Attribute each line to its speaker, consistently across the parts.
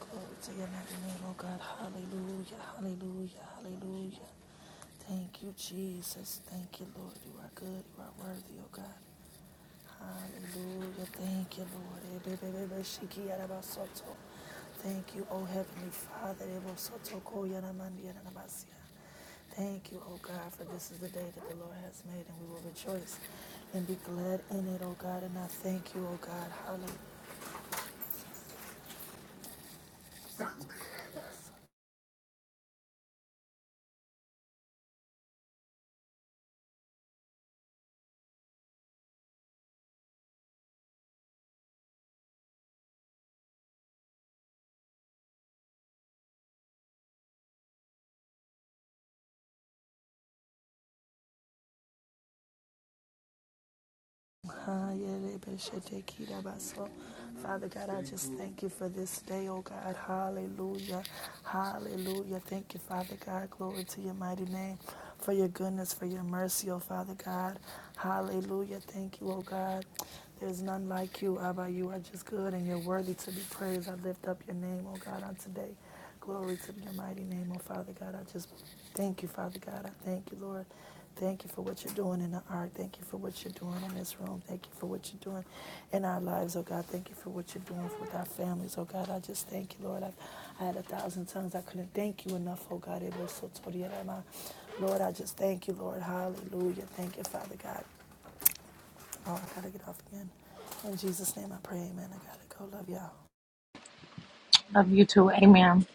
Speaker 1: Glory to your mighty name, oh God. Hallelujah, hallelujah, hallelujah. Thank you, Jesus. Thank you, Lord. You are good. You are worthy, oh God. Hallelujah. Thank you, Lord. Thank you, O Heavenly Father. Thank you, O God, for this is the day that the Lord has made, and we will rejoice and be glad in it, O God. And I thank you, O God. Hallelujah. Father God, I just thank you for this day, oh God. Hallelujah. Hallelujah. Thank you, Father God. Glory to your mighty name for your goodness, for your mercy, oh Father God. Hallelujah. Thank you, oh God. There's none like you, Abba. You are just good and you're worthy to be praised. I lift up your name, oh God, on today. Glory to your mighty name, oh Father God. I just thank you, Father God. I thank you, Lord. Thank you for what you're doing in the ark. Thank you for what you're doing in this room. Thank you for what you're doing in our lives, oh God. Thank you for what you're doing with our families, oh God. I just thank you, Lord. I, I had a thousand tongues. I couldn't thank you enough, oh God. It was so toriarama. Lord, I just thank you, Lord. Hallelujah. Thank you, Father God. Oh, I gotta get off again. In Jesus' name I pray, amen. I gotta go. Love y'all.
Speaker 2: Love you too. Amen.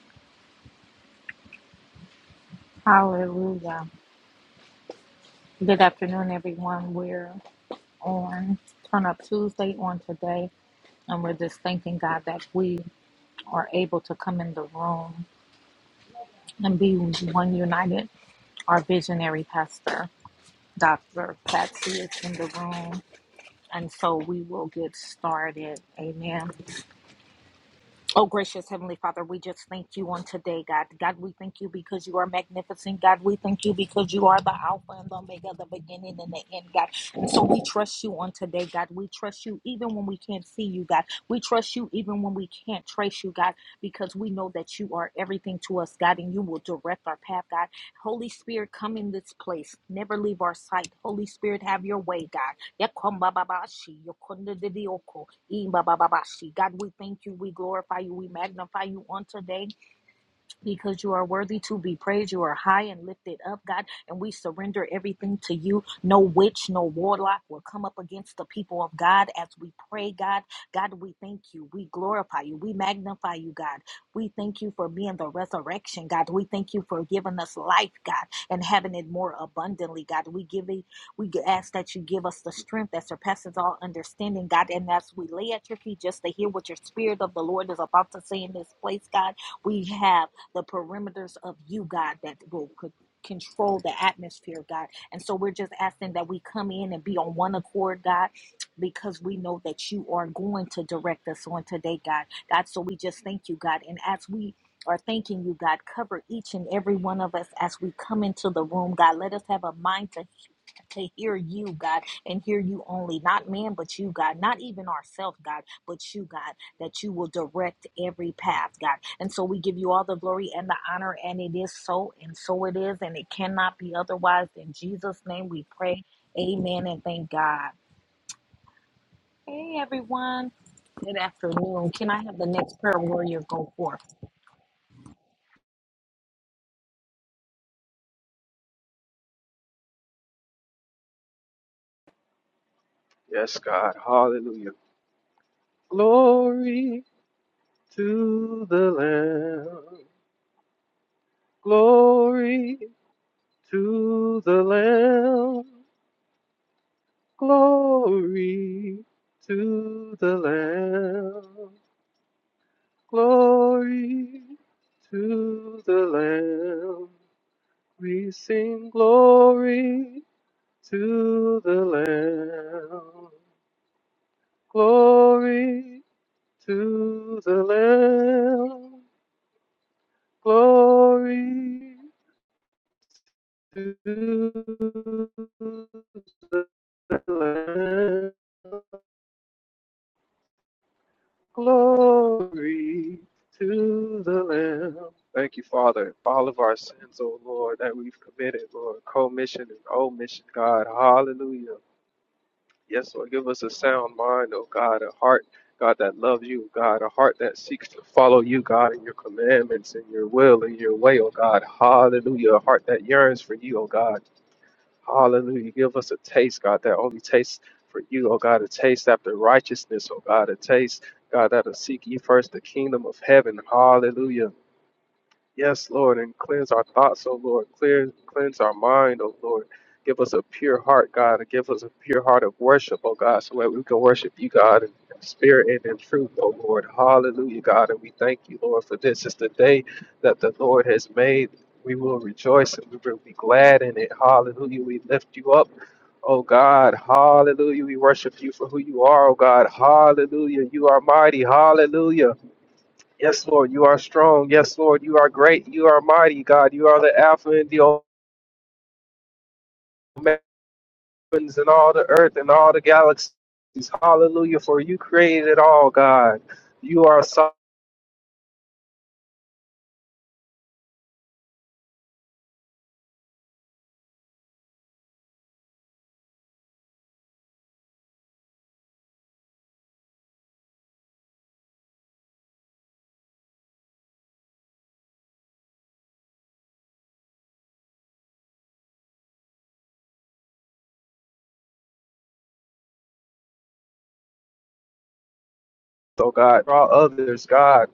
Speaker 2: Hallelujah. Good afternoon, everyone. We're on Turn Up Tuesday on today, and we're just thanking God that we are able to come in the room and be one united. Our visionary pastor, Dr. Patsy, is in the room, and so we will get started. Amen. Oh, gracious Heavenly Father, we just thank you on today, God. God, we thank you because you are magnificent. God, we thank you because you are the Alpha and the Omega, the beginning and the end, God. And so we trust you on today, God. We trust you even when we can't see you, God. We trust you even when we can't trace you, God, because we know that you are everything to us, God, and you will direct our path, God. Holy Spirit, come in this place. Never leave our sight. Holy Spirit, have your way, God. Yakombababashi, yokondidioko, imbabababashi. God, we thank you, we glorify you, we magnify you on today because you are worthy to be praised. You are high and lifted up, God, and we surrender everything to you. No witch, no warlock will come up against the people of God as we pray, God. God, we thank you. We glorify you. We magnify you, God. We thank you for being the resurrection, God. We thank you for giving us life, God, and having it more abundantly, God. We give it, we ask that you give us the strength that surpasses all understanding, God. And as we lay at your feet just to hear what your spirit of the Lord is about to say in this place, God, we have the perimeters of you, God, that will co- control the atmosphere, God. And so we're just asking that we come in and be on one accord, God, because we know that you are going to direct us on today, God. God, so we just thank you, God. And as we are thanking you, God. Cover each and every one of us as we come into the room, God. Let us have a mind to to hear you, God, and hear you only, not man, but you, God, not even ourselves, God, but you, God, that you will direct every path, God. And so we give you all the glory and the honor, and it is so, and so it is, and it cannot be otherwise. In Jesus' name we pray. Amen and thank God. Hey, everyone. Good afternoon. Can I have the next prayer warrior go forth?
Speaker 3: Yes, God. Hallelujah. Glory to the Lamb. Glory to the Lamb. Glory to the Lamb. Glory to the Lamb. We sing glory to the Lamb. Glory to the Lamb. Glory to the Lamb. Glory to the Lamb. Thank you, Father, for all of our sins, O Lord, that we've committed, Lord, commission and omission, God. Hallelujah. Yes, Lord, give us a sound mind, O God, a heart, God, that loves you, God, a heart that seeks to follow you, God, in your commandments, in your will, in your way, O God. Hallelujah. A heart that yearns for you, O God. Hallelujah. Give us a taste, God, that only taste for you, oh God, a taste after righteousness, oh God, a taste, God, that'll seek ye first the kingdom of heaven. Hallelujah. Yes, Lord, and cleanse our thoughts, oh Lord. Clear, cleanse our mind, oh Lord. Give us a pure heart, God, and give us a pure heart of worship, oh God, so that we can worship you, God, in spirit and in truth, oh Lord. Hallelujah, God, and we thank you, Lord, for this is the day that the Lord has made we will rejoice and we will be glad in it. Hallelujah. We lift you up. Oh God, hallelujah. We worship you for who you are, oh God. Hallelujah. You are mighty. Hallelujah. Yes, Lord, you are strong. Yes, Lord, you are great. You are mighty, God. You are the Alpha and the Omega and all the earth and all the galaxies. Hallelujah. For you created it all, God. You are sovereign, oh God. Draw others, God,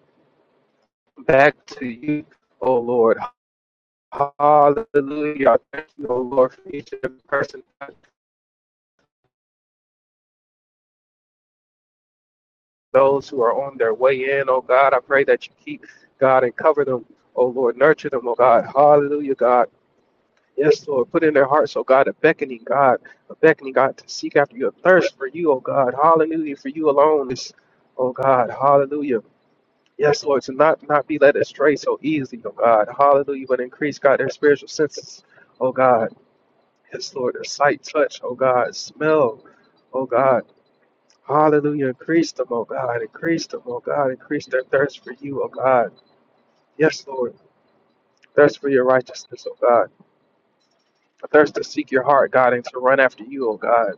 Speaker 3: back to you, oh Lord. Hallelujah. Thank you, oh Lord, for each and every person. those who are on their way in, oh God. I pray that you keep, God, and cover them, oh Lord. Nurture them, oh God. Hallelujah, God. Yes, Lord. Put in their hearts, oh God, a beckoning, God, a beckoning, God, to seek after you, a thirst for you, oh God. Hallelujah, for you alone is, oh God. Hallelujah. Yes, Lord, to not, not be led astray so easily, oh God. Hallelujah, but increase, God, their spiritual senses, oh God. Yes, Lord, their sight, touch, oh God, smell, oh God. Hallelujah. Increase them, oh God. Increase them, oh God. Increase their thirst for you, oh God. Yes, Lord. Thirst for your righteousness, oh God. A thirst to seek your heart, God, and to run after you, oh God.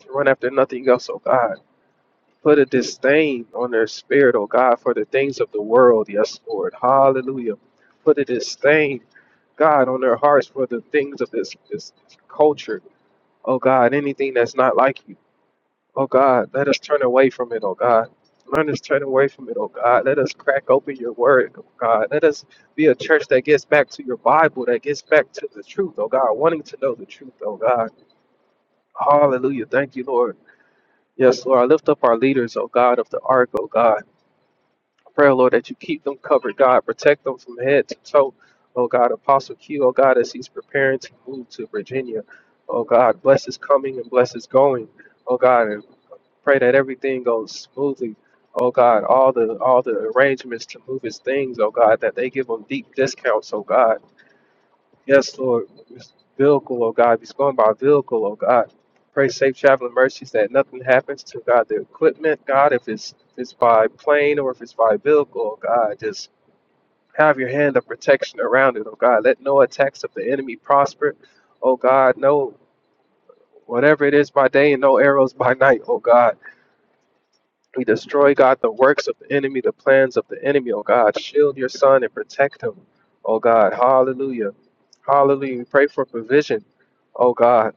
Speaker 3: To run after nothing else, oh God. Put a disdain on their spirit, oh God, for the things of the world. Yes, Lord. Hallelujah. Put a disdain, God, on their hearts for the things of this, this culture. Oh God, anything that's not like you. Oh God, let us turn away from it, oh God. Let us turn away from it, oh God. Let us crack open your word, oh God. Let us be a church that gets back to your Bible, that gets back to the truth, oh God, wanting to know the truth, oh God. Hallelujah. Thank you, Lord. Yes, Lord. I lift up our leaders, oh God, of the ark, oh God. I pray, oh Lord, that you keep them covered, God. Protect them from head to toe, oh God. Apostle Q, oh God, as he's preparing to move to Virginia, oh God. Bless his coming and bless his going. Oh God, Pray that everything goes smoothly. Oh God, all the all the arrangements to move his things, oh God, that they give him deep discounts, oh God. Yes, Lord, this vehicle, oh God, he's going by vehicle, oh God. Pray safe traveling mercies that nothing happens to God the equipment, God, if it's if it's by plane or if it's by vehicle, oh God, just have your hand of protection around it, oh God. Let no attacks of the enemy prosper. Oh God, no whatever it is by day and no arrows by night, oh God. We destroy, God, the works of the enemy, the plans of the enemy, oh God. Shield your son and protect him, oh God. Hallelujah. Hallelujah. We pray for provision, oh God.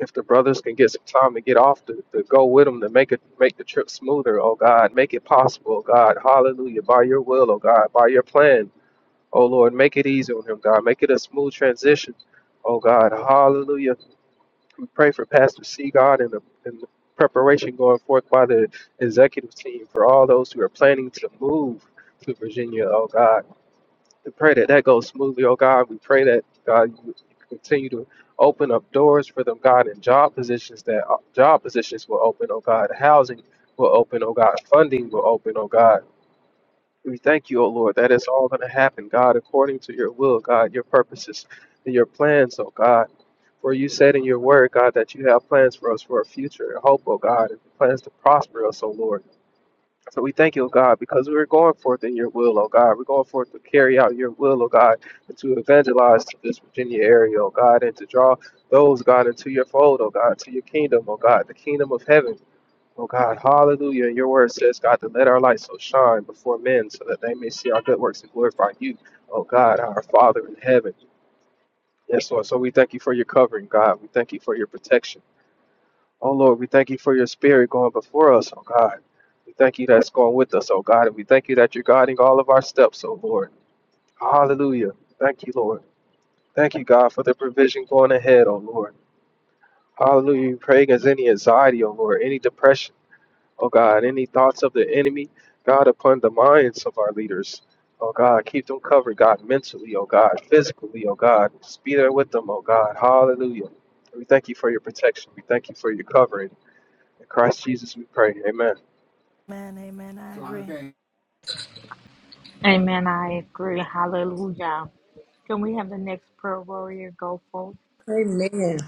Speaker 3: If the brothers can get some time to get off to, to go with them to make it make the trip smoother, oh God, make it possible, oh God. Hallelujah. By your will, oh God, by your plan. Oh Lord, make it easy on him, God. Make it a smooth transition. Oh God. Hallelujah. We pray for Pastor C. God and the, and the preparation going forth by the executive team for all those who are planning to move to Virginia, oh God. We pray that that goes smoothly, oh God. We pray that, God, you continue to open up doors for them, God, and job positions that job positions will open, oh God. Housing will open, oh God. Funding will open, oh God we thank you, O Lord, that it's all going to happen, God, according to your will, God, your purposes and your plans, O God. For you said in your word, God, that you have plans for us for a future, a hope, O God, and plans to prosper us, O Lord. So we thank you, O God, because we're going forth in your will, O God. We're going forth to carry out your will, O God, and to evangelize to this Virginia area, O God, and to draw those, God, into your fold, O God, to your kingdom, O God, the kingdom of heaven. Oh God, hallelujah. Your word says, God, to let our light so shine before men so that they may see our good works and glorify you. Oh God, our Father in heaven. Yes, Lord. So we thank you for your covering, God. We thank you for your protection. Oh Lord, we thank you for your spirit going before us, oh God. We thank you that's going with us, oh God. And we thank you that you're guiding all of our steps, oh Lord. Hallelujah. Thank you, Lord. Thank you, God, for the provision going ahead, oh Lord. Hallelujah. We pray against any anxiety, oh Lord, any depression. Oh God, any thoughts of the enemy, God, upon the minds of our leaders. Oh God, keep them covered, God, mentally, oh God, physically, oh God. Just be there with them, oh God. Hallelujah. We thank you for your protection. We thank you for your covering. In Christ Jesus we pray. Amen.
Speaker 1: Amen, amen. I agree.
Speaker 2: Amen. I agree. Hallelujah. Can we have the next prayer warrior go forth?
Speaker 4: Amen.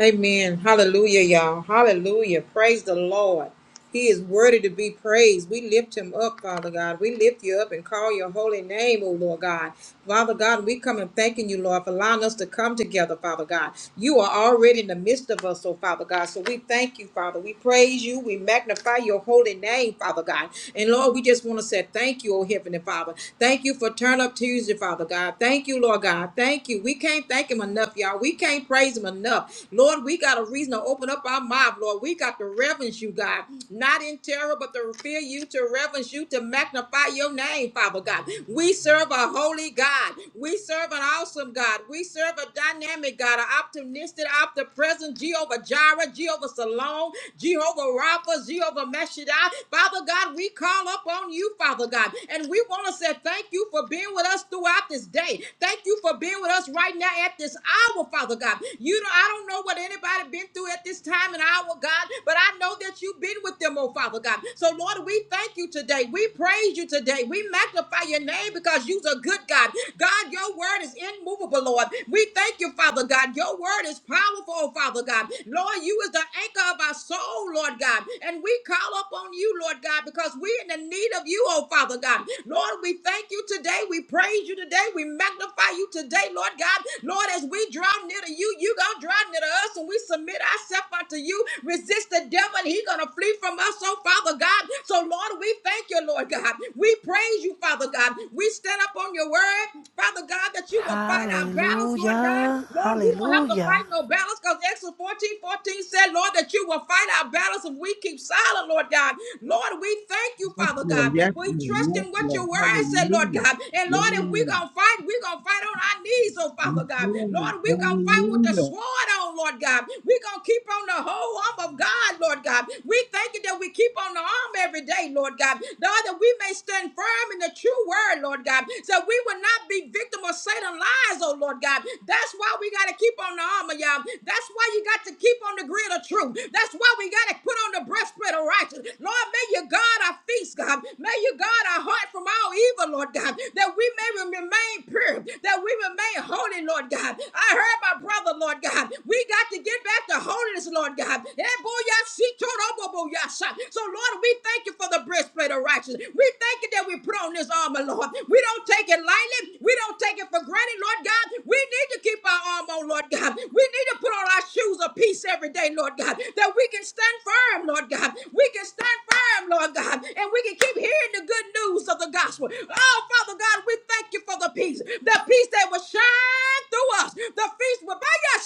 Speaker 4: Amen. Hallelujah, y'all. Hallelujah. Praise the Lord. He is worthy to be praised. We lift him up, Father God. We lift you up and call your holy name, O Lord God. Father God, we come and thanking you, Lord, for allowing us to come together, Father God. You are already in the midst of us, oh Father God. So we thank you, Father. We praise you. We magnify your holy name, Father God. And Lord, we just want to say thank you, oh Heavenly Father. Thank you for Turn Up Tuesday, Father God. Thank you, Lord. Lord God. Thank you. We can't thank him enough, y'all. We can't praise him enough. Lord, we got a reason to open up our mouth, Lord. We got to reverence you, God. Not in terror, but to fear you, to reverence you, to magnify your name, Father God. We serve a holy God. We serve an awesome God. We serve a dynamic God, an optimistic, omnipresent Jehovah Jireh, Jehovah Salon, Jehovah Rapha, Jehovah Meshadai. Father God, we call up on you, Father. Father God. And we want to say thank you for being with us throughout this day. Thank you for being with us right now at this hour, Father God. You know, I don't know what anybody been through at this time and hour, God, but I know that you've been with them, oh Father God. So Lord, we thank you today. We praise you today. We magnify your name because you're a good God. God, your word is immovable, Lord. We thank you, Father God. Your word is powerful, oh Father God. Lord, you is the anchor of our soul, Lord. Lord God. And we call upon you, Lord God, because we're in the need of you, oh Father God. Lord, we thank you today. We praise you today. We magnify you today, Lord God. Lord, as we draw near to you, you gonna draw near to us, and we submit ourselves unto you. Resist the devil, and he gonna flee from us, oh Father God. So, Lord, we thank you, Lord God. We praise you, Father God. We stand up on your word, Father God, that you will fight our battles, Lord God.
Speaker 1: Hallelujah.
Speaker 4: Lord, we don't have to will fight
Speaker 1: Hallelujah.
Speaker 4: no battles because Exodus 14 14 said, Lord, that you will fight our battles if we keep silent, Lord God. Lord, we thank you,
Speaker 5: Yes,
Speaker 4: Father
Speaker 5: Lord.
Speaker 4: God.
Speaker 5: Yes,
Speaker 4: We
Speaker 5: Lord.
Speaker 4: trust
Speaker 5: Yes,
Speaker 4: in what
Speaker 5: Lord.
Speaker 4: your word said, Lord
Speaker 5: Hallelujah.
Speaker 4: God. And Lord, if we're
Speaker 5: Yeah.
Speaker 4: going to fight, we're going to fight on our knees, oh
Speaker 5: Yes,
Speaker 4: Father God.
Speaker 5: Lord.
Speaker 4: Lord, we're going to fight with the
Speaker 5: Hallelujah.
Speaker 4: sword on, Lord God. We're going to keep on the whole arm of God, Lord God. We thank you that we keep on the arm every day, Lord God. Lord, that we may stand firm in the true word, Lord God. So we will not cannot be victim of Satan lies, oh Lord God. That's why we got to keep on the armor, y'all. That's why you got to keep on the grid of truth. That's why we got to put on the breastplate of righteousness. Lord, may you guard our feet, God. May you guard our heart from all evil, Lord God, that we may remain pure, that we remain holy, Lord God. I heard my brother, Lord God. We got to get back to holiness, Lord God. Eh, boy, y'all see, total, boy, boy, y'all shot. So, Lord, we thank you for the breastplate breastplate of righteousness. We thank you that we put on this armor, Lord. We don't take it lightly. We don't take it for granted, Lord God. We need to keep our armor on, Lord God. We need to put on our shoes of peace every day, Lord God, that we can stand firm, Lord God. We can stand firm, Lord God, and we can keep hearing the good news of the gospel. Oh, Father God, we thank you for the peace, the peace that will shine through us. The feast will by your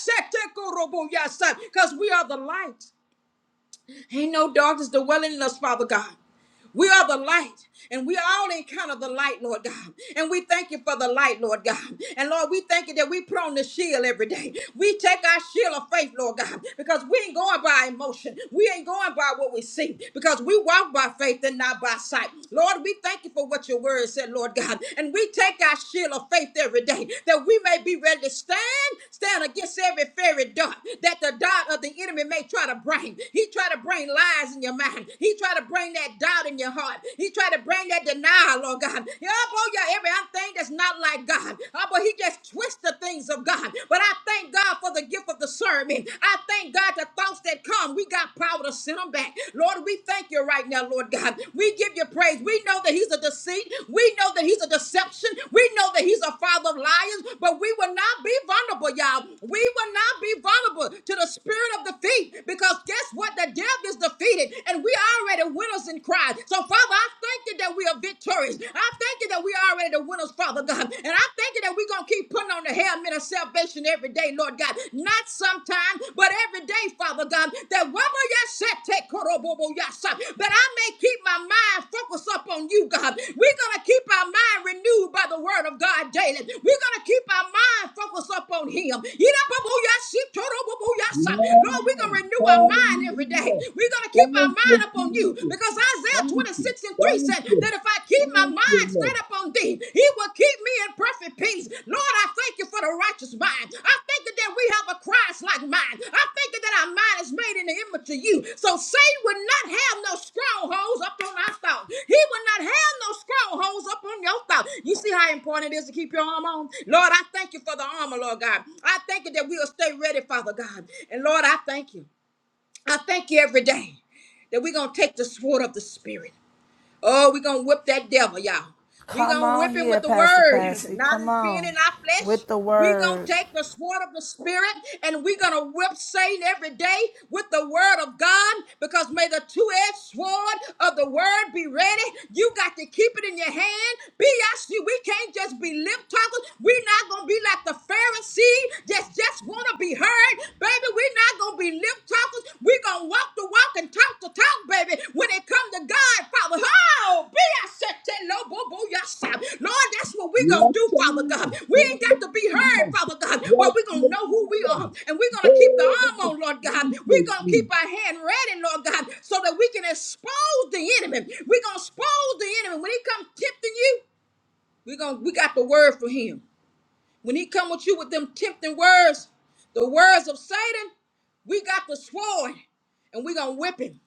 Speaker 4: because we are the light. Ain't no darkness dwelling in us, Father God. We are the light, and we all encounter the light, Lord God. And we thank you for the light, Lord God. And Lord, we thank you that we put on the shield every day. We take our shield of faith, Lord God, because we ain't going by emotion. We ain't going by what we see, because we walk by faith and not by sight. Lord, we thank you for what your word said, Lord God. And we take our shield of faith every day that we may be ready to stand, stand against every fairy dart, that the dart of the the enemy may try to bring. He try to bring lies in your mind. He try to bring that doubt in your heart. He try to bring that denial, Lord God. oh uphold your every thing that's not like God. Oh, but he just twists the things of God. But I thank God for the gift of discernment. I thank God the thoughts that come. We got power to send them back. Lord, we thank you right now, Lord God. We give you praise. We know that he's a deceit. We know that he's a deception. We know that he's a father of liars, but we will not be vulnerable, y'all. We will not be vulnerable to the spirit of defeat because guess what? The devil is defeated and we are already winners in Christ. So, Father, I thank you that we are victorious. I thank you that we are already the winners, Father God. And I thank you that we're going to keep putting on the helmet of salvation every day, Lord God. Not sometimes, but every day, Father. Father God, that rubber yashete korobobo yasha, that I may keep my mind focused up on you, God. We're gonna keep our mind renewed by the word of God daily. We're gonna keep our mind focused up on him. Yirabobo yashi torobobo yasha.
Speaker 5: Yeah.
Speaker 4: Lord, we're gonna renew our mind every day.
Speaker 5: Hallelujah.
Speaker 4: We're gonna keep our
Speaker 5: Thank you,
Speaker 4: mind up on you
Speaker 5: Jesus.
Speaker 4: because Isaiah
Speaker 5: Thank you.
Speaker 4: 26 and 3
Speaker 5: Thank
Speaker 4: said that
Speaker 5: you.
Speaker 4: if I keep my
Speaker 5: Thank you,
Speaker 4: mind
Speaker 5: Lord.
Speaker 4: straight up on thee, me. He will keep me in perfect peace. Lord, I thank you for the righteous mind. I thank you that we have a Christ like mind. I thank you that our mind is made in the image of you. So Satan will not have no strongholds up on our thought. He will not have no strongholds up on your thought. You see how important it is to keep your arm on? Lord, I thank you for the armor, Lord God. I thank you that we'll stay ready, Father God. And Lord, I thank you. I thank you every day that we're going to take the sword of the Spirit. Oh, we're gonna whip that devil, y'all. We're
Speaker 1: Come
Speaker 4: gonna
Speaker 1: on
Speaker 4: whip him
Speaker 1: here,
Speaker 4: with the
Speaker 1: Pastor
Speaker 4: word,
Speaker 1: Patsy.
Speaker 4: not
Speaker 1: Come
Speaker 4: in being in
Speaker 1: on
Speaker 4: our flesh.
Speaker 1: with the
Speaker 4: We're gonna
Speaker 1: word.
Speaker 4: take the sword of the spirit and we're gonna whip Satan every day with the word of God because may the two-edged sword of the word be ready. You got to keep it in your hand. B I C. we can't just be lip talkers. We're not gonna be like the Pharisee, just just wanna be heard. Baby, we're not gonna be lip talkers. We're gonna walk the walk and talk the talk, baby. When it come to God, Father, oh, be I said, low, boo, boo, yourself. Lord, that's what we're gonna
Speaker 5: Yes,
Speaker 4: do, Father God.
Speaker 5: God.
Speaker 4: We ain't got to be heard,
Speaker 5: Hallelujah.
Speaker 4: Father God, but
Speaker 5: Yes,
Speaker 4: we're gonna know who we
Speaker 5: Lord.
Speaker 4: are, and we're gonna keep the arm
Speaker 5: Hey.
Speaker 4: on, Lord
Speaker 5: Thank
Speaker 4: God.
Speaker 5: you,
Speaker 4: We're gonna
Speaker 5: Jesus.
Speaker 4: keep our hand ready, Lord God, so that we can expose the enemy. We're gonna expose the enemy when he comes tempting you. We're gonna we got the word for him. When he come with you with them tempting words, the words of Satan, we got the sword and we gonna whip him.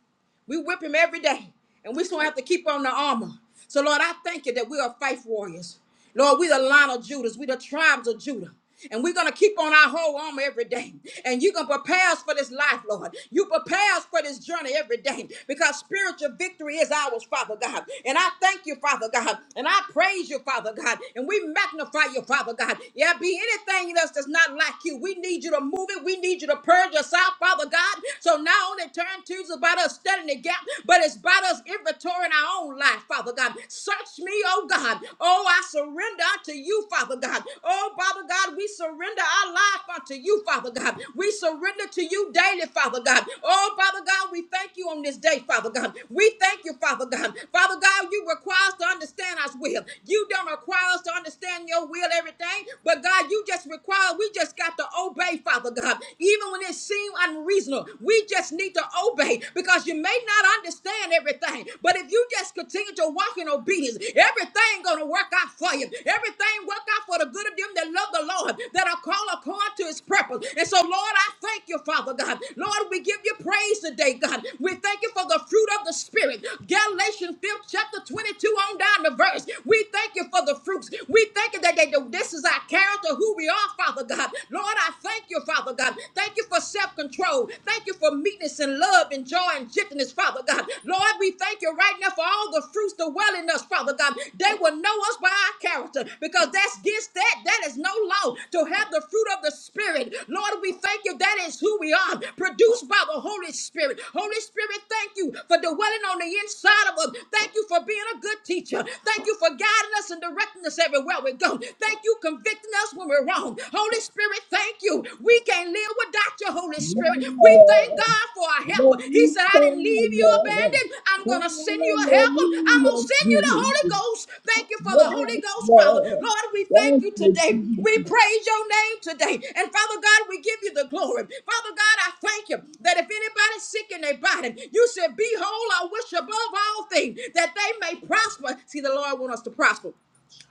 Speaker 4: We whip him every day, and we still have to keep on the armor. So, Lord, I thank you that we are faith warriors. Lord, we the line of Judas, we the tribes of Judah. And we're gonna keep on our whole armor every day. And you're gonna prepare us for this life, Lord. You prepare us for this journey every day because spiritual victory is ours, Father God. And I thank you, Father God. And I praise you, Father God. And we magnify you, Father God. Yeah, be anything in us that's not like you. We need you to move it. We need you to purge us out, Father God. So so now on that turn two is about us studying the gap, but it's about us inventorying our own life, Father God. Search me, oh God. Oh, I surrender unto you, Father God. Oh, Father God, we surrender our life unto you, Father God. We surrender to you daily, Father God. Oh, Father God, we thank you on this day, Father God. We thank you, Father God. Father God, you require us to understand our will. You don't require us to understand your will, everything, but God, you just require, we just got to obey, Father God even when it seems unreasonable. We just need to obey because you may not understand everything, but if you just continue to walk in obedience, everything gonna work out for you. Everything work out for the good of them that love the Lord, that are called according to His purpose. And so, Lord, I thank you, Father God. Lord, we give you praise today, God. We thank you for the fruit of the Spirit. Galatians 5th chapter 22 on down the verse. We thank you for the fruits. We thank you that they, this is our character, who we are, Father God. God. Lord, I thank you, Father God. Thank you for self control. Thank you for meekness and love and joy and gentleness, Father God. Lord, we thank you right now for all the fruits that well in us, Father God. They will know us by our character because that's against that. That is no law to have the fruit of the Spirit. Lord, we thank you. That is who we are, produced by the Holy Spirit. Holy Spirit, thank you for dwelling on the inside of us. Thank you for being a good teacher. Thank you for guiding us and directing us everywhere we go. Thank you you convicting us when we're wrong. Holy Spirit, thank you. We can't live without your Holy Spirit. We thank
Speaker 5: Yeah.
Speaker 4: God for our helper.
Speaker 5: Lord,
Speaker 4: He
Speaker 5: we
Speaker 4: said, I didn't
Speaker 5: pray,
Speaker 4: leave you
Speaker 5: Lord.
Speaker 4: abandoned. I'm going to send you a helper. I'm going
Speaker 5: Hallelujah,
Speaker 4: to send you the Holy
Speaker 5: Jesus.
Speaker 4: Ghost. Thank you for the Holy
Speaker 5: Yes,
Speaker 4: Ghost, Father.
Speaker 5: Lord.
Speaker 4: Lord, we thank
Speaker 5: Thank
Speaker 4: you
Speaker 5: you,
Speaker 4: today. We
Speaker 5: Jesus.
Speaker 4: praise your name today. And Father God, we give you the glory. Father God, I thank you that if anybody's sick in their body, you said, Behold, I wish above all things that they may prosper. See, the Lord wants us to prosper.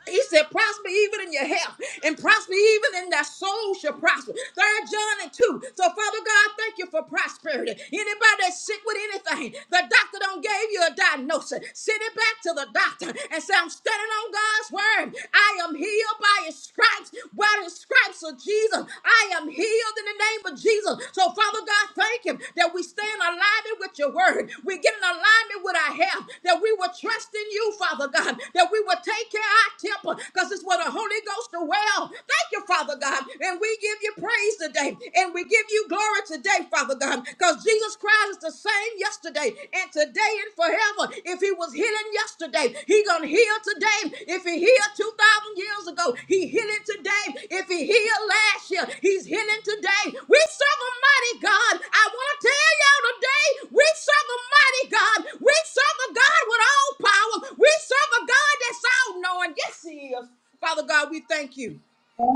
Speaker 4: He said, prosper even in your health and prosper even in thy soul shall prosper. Third John and 2. So, Father God, thank you for prosperity. Anybody that's sick with anything, the doctor don't gave you a diagnosis. Send it back to the doctor and say, I'm standing on God's word. I am healed by his stripes. By the stripes of Jesus, I am healed in the name of Jesus. Jesus. So, Father God, thank Him that we stay in alignment with Your Word. We get in alignment with our health. That we will trust in You, Father God. That we will take care of our temple, because it's where the Holy Ghost dwells. Thank You, Father God, and we give You praise today, and we give You glory today, Father God, because Jesus Christ is the same yesterday and today and forever. If if he was healing yesterday, he gonna heal today. If he healed 2,000 years ago, he healing today. If he healed last year, he's healing today. We serve a mighty God. I wanna tell y'all today, we serve a mighty God. We serve a God with all power. We serve a God that's all knowing. Yes, he is. Father God, we thank you.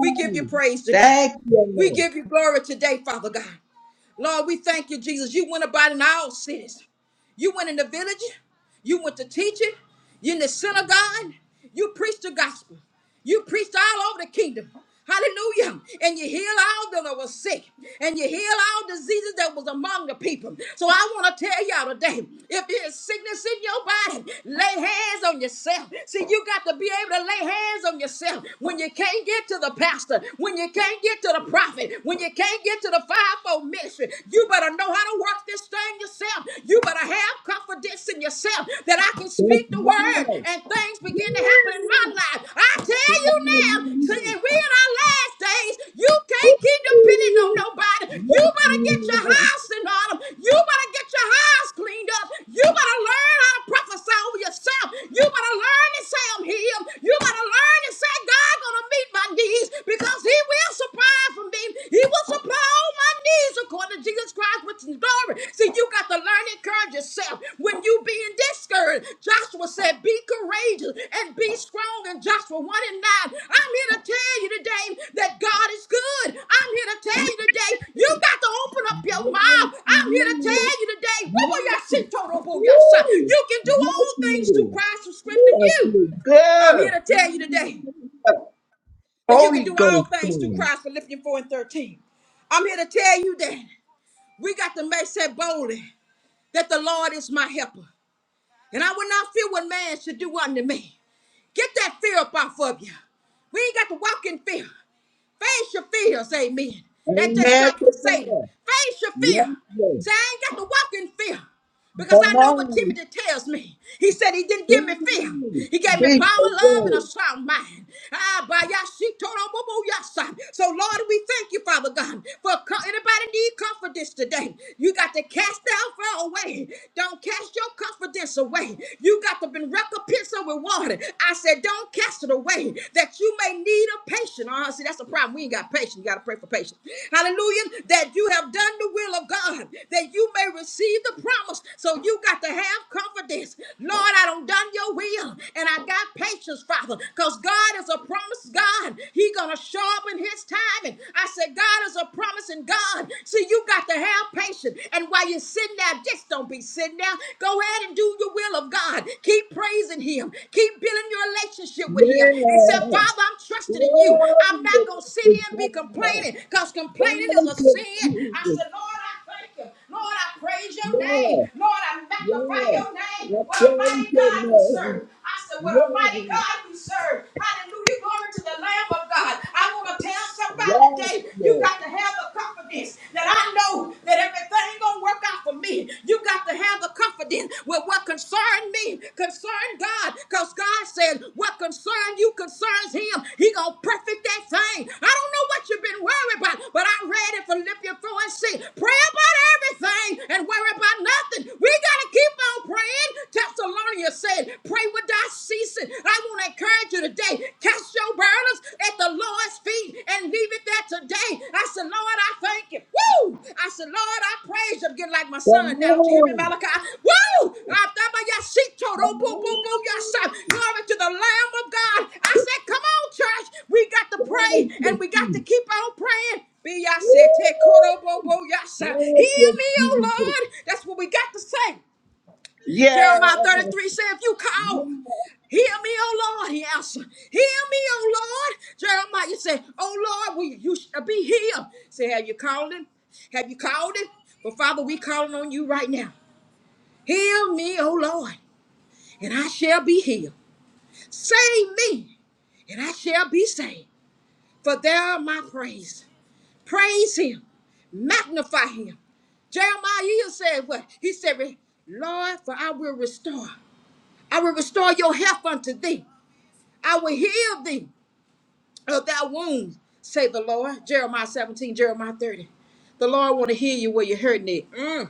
Speaker 4: We give you praise today.
Speaker 5: Thank you,
Speaker 4: We
Speaker 5: Lord.
Speaker 4: give you glory today, Father God. Lord, we thank you, Jesus. You went about in all cities. You went in the village, you went to teaching, you in the synagogue, you preached the gospel. You preached all over the kingdom. Hallelujah. And you heal all them that were sick. And you heal all diseases that was among the people. So I want to tell y'all today, if there's sickness in your body, lay hands on yourself. See, you got to be able to lay hands on yourself. When you can't get to the pastor, when you can't get to the prophet, when you can't get to the fivefold your ministry. You better know how to work this thing yourself. You better have confidence in yourself that I can speak the
Speaker 5: That's
Speaker 4: word
Speaker 5: right.
Speaker 4: and things
Speaker 5: Yes.
Speaker 4: begin to happen in my life. I tell you now,
Speaker 5: Hallelujah.
Speaker 4: and we in our last days, you can't keep depending on
Speaker 5: Woo.
Speaker 4: nobody. You
Speaker 5: Yes, Lord. Yes,
Speaker 4: better get your
Speaker 5: Lord.
Speaker 4: house in order. You better get your house cleaned up. You better learn how to prophesy over yourself. You better learn to say I'm healed. You better learn to say God's gonna meet my needs because he will supply for me. He will supply all my needs according to Jesus Christ, which is glory. See, you got to learn to encourage yourself when you being discouraged. Joshua said, be courageous and be strong in Joshua 1 and 9. I'm here to tell you today that God is good. I'm here to tell
Speaker 5: Yes.
Speaker 4: you today, you got to open up
Speaker 5: Woo.
Speaker 4: your mouth. I'm here to tell you today,
Speaker 5: Yes,
Speaker 4: you can do all things through
Speaker 5: Lord.
Speaker 4: Christ who strengthens
Speaker 5: You are
Speaker 4: you.
Speaker 5: so
Speaker 4: I'm here
Speaker 5: good.
Speaker 4: to tell you today
Speaker 5: Hallelujah.
Speaker 4: that you can
Speaker 5: Holy
Speaker 4: do all
Speaker 5: Ghost.
Speaker 4: things through
Speaker 5: Son.
Speaker 4: Christ, Philippians 4 and 13. I'm here to tell you that we got to make that boldly that the Lord is my helper. And I will not fear what man should do unto me. Get that fear up off of you. We ain't got to walk in fear. Face your fears, amen. That just
Speaker 5: Amen
Speaker 4: come
Speaker 5: to
Speaker 4: from Satan.
Speaker 5: God.
Speaker 4: Face your fear.
Speaker 5: Yes, Lord.
Speaker 4: Say, I ain't got to walk in fear because
Speaker 5: Come
Speaker 4: I know what
Speaker 5: on.
Speaker 4: Timothy tells me. He said he didn't give me fear.
Speaker 5: Please,
Speaker 4: He gave me
Speaker 5: we
Speaker 4: power, love, and a
Speaker 5: away.
Speaker 4: sound mind. Ah, by Yashitorobobo Yasa. So, Lord, we thank you, Father God, for co- anybody need confidence today. You got to cast down fear away. Don't cast your confidence away. You got to be recompensed with for water. I said, don't cast it away that you may need a patient. Oh, see, that's the problem. We ain't got patience. You got to pray for patience. Hallelujah. That you have done the will of God, that you may receive the promise. So you got to have confidence. Lord, I don't done your will, and I got patience, Father, because God is a promise God. He gonna show up in His timing. I said, God is a promising God. See, you got to have patience. And while you're sitting there down. Just don't be sitting down. Go ahead and do your will of God. Keep praising Him. Keep building your relationship with Him. And say,
Speaker 5: Yeah.
Speaker 4: Father, I'm trusting in you.
Speaker 5: Glory
Speaker 4: I'm not going to sit
Speaker 5: to
Speaker 4: here and be
Speaker 5: God.
Speaker 4: complaining because complaining is a
Speaker 5: Thank you,
Speaker 4: sin. I
Speaker 5: Jesus.
Speaker 4: said, Lord, I thank you. Lord, I praise your
Speaker 5: Yeah.
Speaker 4: name. Lord, I magnify
Speaker 5: Yeah.
Speaker 4: your name.
Speaker 5: I
Speaker 4: What a
Speaker 5: praise
Speaker 4: mighty
Speaker 5: your
Speaker 4: God we
Speaker 5: name.
Speaker 4: serve. I said, What a mighty
Speaker 5: Yeah.
Speaker 4: God we serve. Hallelujah. Glory to the Lamb of God. I want to tell somebody
Speaker 5: Yes,
Speaker 4: today day, you
Speaker 5: Lord.
Speaker 4: got to have the confidence that I know that everything ain't gonna work out for me. You got to have the confidence with what concerned me, concerned God, because God said what concerned you concerns him. He gonna perfect that thing. I don't know what you've been worried about, but I read in Philippians 4 and 6. Pray about everything and worry about nothing. We gotta keep on praying. Thessalonians said, pray without ceasing. I want to I encourage you today, cast your burdens at the Lord's feet and leave it there today. I said, Lord, I thank you. Woo! I said, Lord, I praise you. I'm getting like my son
Speaker 5: Come
Speaker 4: now. Don't you hear me,
Speaker 5: on.
Speaker 4: Malachi? Woo! I thought about your seat, Toto.
Speaker 5: Come
Speaker 4: Boo, boo, boo, your son.
Speaker 5: on.
Speaker 4: Glory to the Lamb of God. I said, come on, church. We got to pray
Speaker 5: Thank
Speaker 4: and
Speaker 5: you,
Speaker 4: we got to
Speaker 5: Jesus.
Speaker 4: keep on praying. Be I
Speaker 5: Woo.
Speaker 4: said, take yes,
Speaker 5: Thank
Speaker 4: Hear
Speaker 5: you,
Speaker 4: me, oh
Speaker 5: Jesus.
Speaker 4: Lord. That's what we got to say.
Speaker 5: Yeah.
Speaker 4: Jeremiah 33 said, if you
Speaker 5: Yeah.
Speaker 4: call, hear me, O Lord, he answered. Hear me, O Lord. Jeremiah said, O Lord, we, you shall be here. Say, have you called him? Have you called him? But Father, we calling on you right now. Hear me, O Lord, and I shall be healed. Save me, and I shall be saved. For there my praise. Praise him. Magnify him. Jeremiah said what? He said, Lord, for I will restore. I will restore your health unto thee. I will heal thee of thy wounds, say the Lord. Jeremiah 17, Jeremiah 30. The Lord want to heal you where you're hurting it. Mm.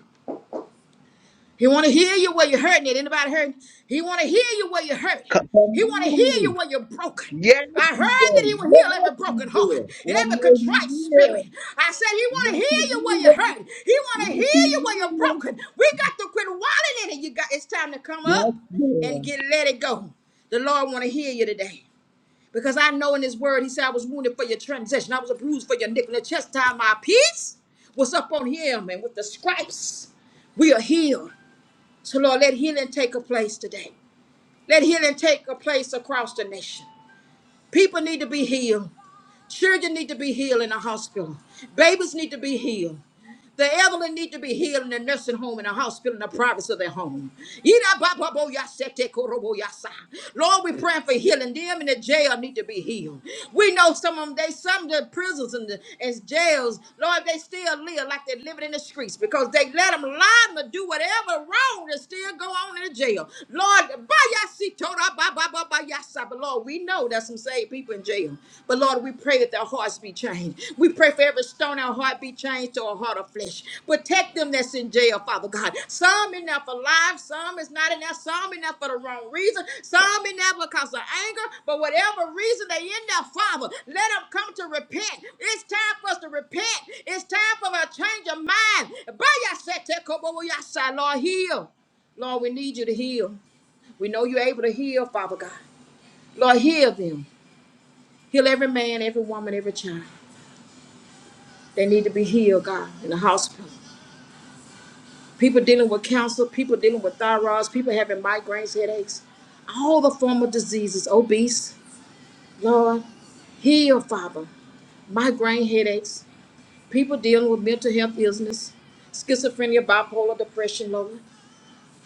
Speaker 4: He want to heal you where you're hurting it. Anybody hurting? He want to heal you where you're hurting.
Speaker 5: Come
Speaker 4: He want to heal
Speaker 5: on.
Speaker 4: you where you're broken.
Speaker 5: Yes,
Speaker 4: I heard
Speaker 5: he
Speaker 4: that
Speaker 5: will.
Speaker 4: he will heal
Speaker 5: Yes,
Speaker 4: every
Speaker 5: he
Speaker 4: broken heart
Speaker 5: will. I
Speaker 4: and every
Speaker 5: know he
Speaker 4: contrite spirit.
Speaker 5: will.
Speaker 4: I said he want to
Speaker 5: Yes,
Speaker 4: heal
Speaker 5: he
Speaker 4: you where
Speaker 5: will.
Speaker 4: you're hurting. He want to
Speaker 5: Yes,
Speaker 4: heal
Speaker 5: he
Speaker 4: you where you're
Speaker 5: will.
Speaker 4: broken. We got to quit wallowing in it. You got it's time to come
Speaker 5: Yes,
Speaker 4: up and
Speaker 5: will.
Speaker 4: get let it go. The Lord want to heal you today. Because I know in his word, he said, I was wounded for your transition. I was bruised for your nickel. The chastisement, of my peace was up on him. And with the stripes, we are healed. So, Lord, let healing take a place today. Let healing take a place across the nation. People need to be healed. Children need to be healed in a hospital. Babies need to be healed. The elderly need to be healed in a nursing home, in a hospital, in the privacy of their home. Yida ba ba bo ya se te koro bo ya sa. Lord, we praying for healing. Them in the jail need to be healed. We know some of them, they some of the prisons and, the, and jails, Lord, they still live like they're living in the streets because they let them lie and do whatever wrong that still go on in the jail. Lord, ba ya si tora ba ba ba ba by Yahshua, but Lord, we know there's some saved people in jail. But Lord, we pray that their hearts be changed. We pray for every stone our heart be changed to a heart of flesh. Protect them that's in jail, Father God. Some in there for life, some is not in there, some in there for the wrong reason, some in there because of anger. But whatever reason they in there, Father, let them come to repent. It's time for us to repent. It's time for a change of mind. By Yahshua, take over Yahshua, Lord, heal. Lord, we need you to heal. We know you're able to heal, Father God. Lord, heal them. Heal every man, every woman, every child. They need to be healed, God, in the hospital. People dealing with cancer, people dealing with thyroids, people having migraines, headaches, all the form of diseases, obese. Lord, heal, Father. Migraine headaches, people dealing with mental health illness, schizophrenia, bipolar depression, Lord.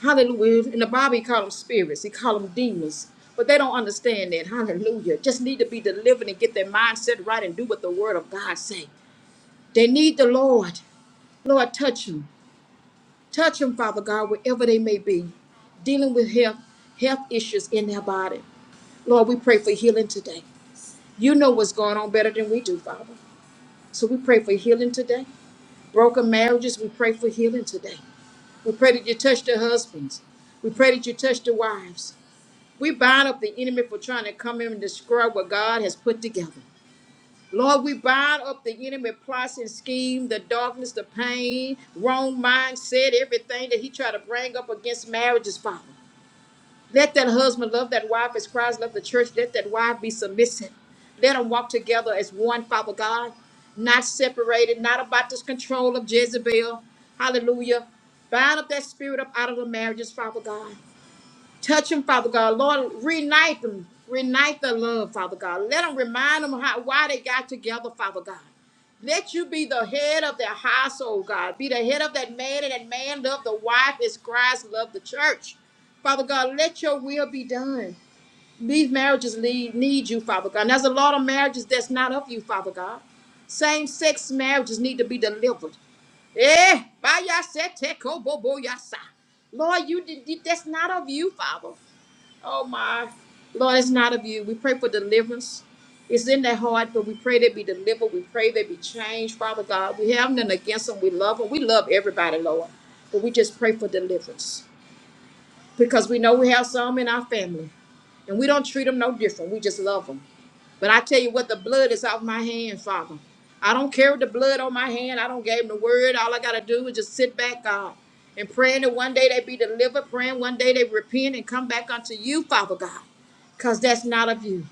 Speaker 4: Hallelujah. In the Bible, he called them spirits. He called them demons. But they don't understand that. Hallelujah. Just need to be delivered and get their mindset right and do what the word of God say. They need the Lord. Lord, touch them. Touch them, Father God, wherever they may be, dealing with health, health issues in their body. Lord, we pray for healing today. You know what's going on better than we do, Father. So we pray for healing today. Broken marriages, we pray for healing today. We pray that you touch the husbands. We pray that you touch the wives. We bind up the enemy for trying to come in and destroy what God has put together. Lord, we bind up the enemy plots and scheme, the darkness, the pain, wrong mindset, everything that he tried to bring up against marriages, Father. Let that husband love that wife as Christ loved the church. Let that wife be submissive. Let them walk together as one, Father God, not separated, not about this control of Jezebel. Hallelujah. Bind up that spirit up out of the marriages, Father God. Touch them, Father God. Lord, reunite them. Reunite the love, Father God. Let them remind them how, why they got together, Father God. Let you be the head of their household, God. Be the head of that man, and that man love the wife as Christ loved the church. Father God, let your will be done. These marriages need, need you, Father God. And there's a lot of marriages that's not of you, Father God. Same sex marriages need to be delivered. Eh, by your set, te- ko- bo- bo- yasa. Lord, you did- that's not of you, Father. Oh my Lord, it's not of you. We pray for deliverance. It's in their heart, but we pray they be delivered. We pray they be changed, Father God. We have nothing against them. We love them. We love everybody, Lord. But we just pray for deliverance because we know we have some in our family. And we don't treat them no different. We just love them. But I tell you what, the blood is off my hand, Father. I don't carry the blood on my hand. I don't give them the word. All I got to do is just sit back, God, and praying that one day they be delivered, praying one day they repent and come back unto you, Father God, because that's not of you.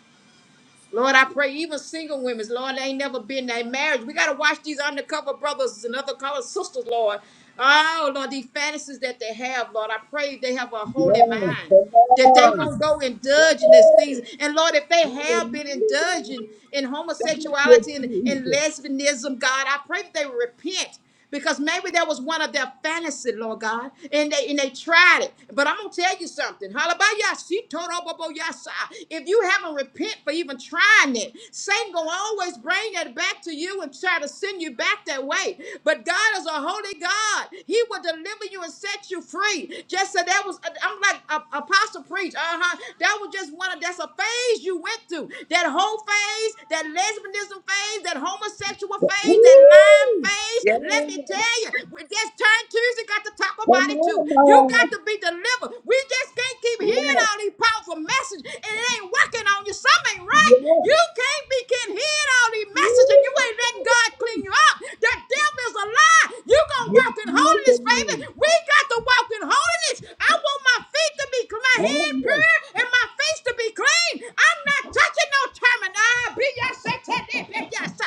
Speaker 4: Lord, I pray even single women, Lord, they ain't never been in a marriage. We got to watch these undercover brothers and undercover sisters, Lord. Oh, Lord, these fantasies that they have, Lord, I pray they have a holy
Speaker 5: Yes,
Speaker 4: mind,
Speaker 5: come
Speaker 4: that they
Speaker 5: on.
Speaker 4: won't go
Speaker 5: Hey,
Speaker 4: indulge in these things. And Lord, if they have been
Speaker 5: hallelujah.
Speaker 4: indulging in
Speaker 5: Thank
Speaker 4: homosexuality
Speaker 5: you,
Speaker 4: and, and
Speaker 5: Jesus.
Speaker 4: lesbianism, God, I pray that they repent because maybe there was one of their fantasy, Lord God, and they and they tried it. But I'm gonna tell you something. Halabayashitoroboboyasa. If you haven't repent for even trying it, Satan gonna always bring that back to you and try to send you back that way. But God is a holy God. He will deliver you and set you free. Just so that was, I'm like uh, Apostle. Apostle preach. Uh-huh. That was just one of that's a phase you went through. That whole phase, that lesbianism phase, that homosexual phase, that lying
Speaker 5: Woo!
Speaker 4: phase.
Speaker 5: Yes,
Speaker 4: Let me tell you, we just turn Tuesday got to talk about
Speaker 5: come
Speaker 4: it too. You
Speaker 5: on, man.
Speaker 4: got to be delivered. We just can't keep hearing
Speaker 5: Yes,
Speaker 4: all these powerful messages and it ain't working on you. Something ain't
Speaker 5: yes.
Speaker 4: right.
Speaker 5: Woo!
Speaker 4: You can't be getting hearing all these all these messages, and you ain't letting God clean you up. That devil is a lie. You gonna
Speaker 5: Yes,
Speaker 4: walk in
Speaker 5: yes,
Speaker 4: holiness, baby.
Speaker 5: again.
Speaker 4: We got to walk in holiness. I want my feet to be clean, my
Speaker 5: Oh,
Speaker 4: hand
Speaker 5: yes.
Speaker 4: pure, and my face to be clean. I'm not touching no terminal.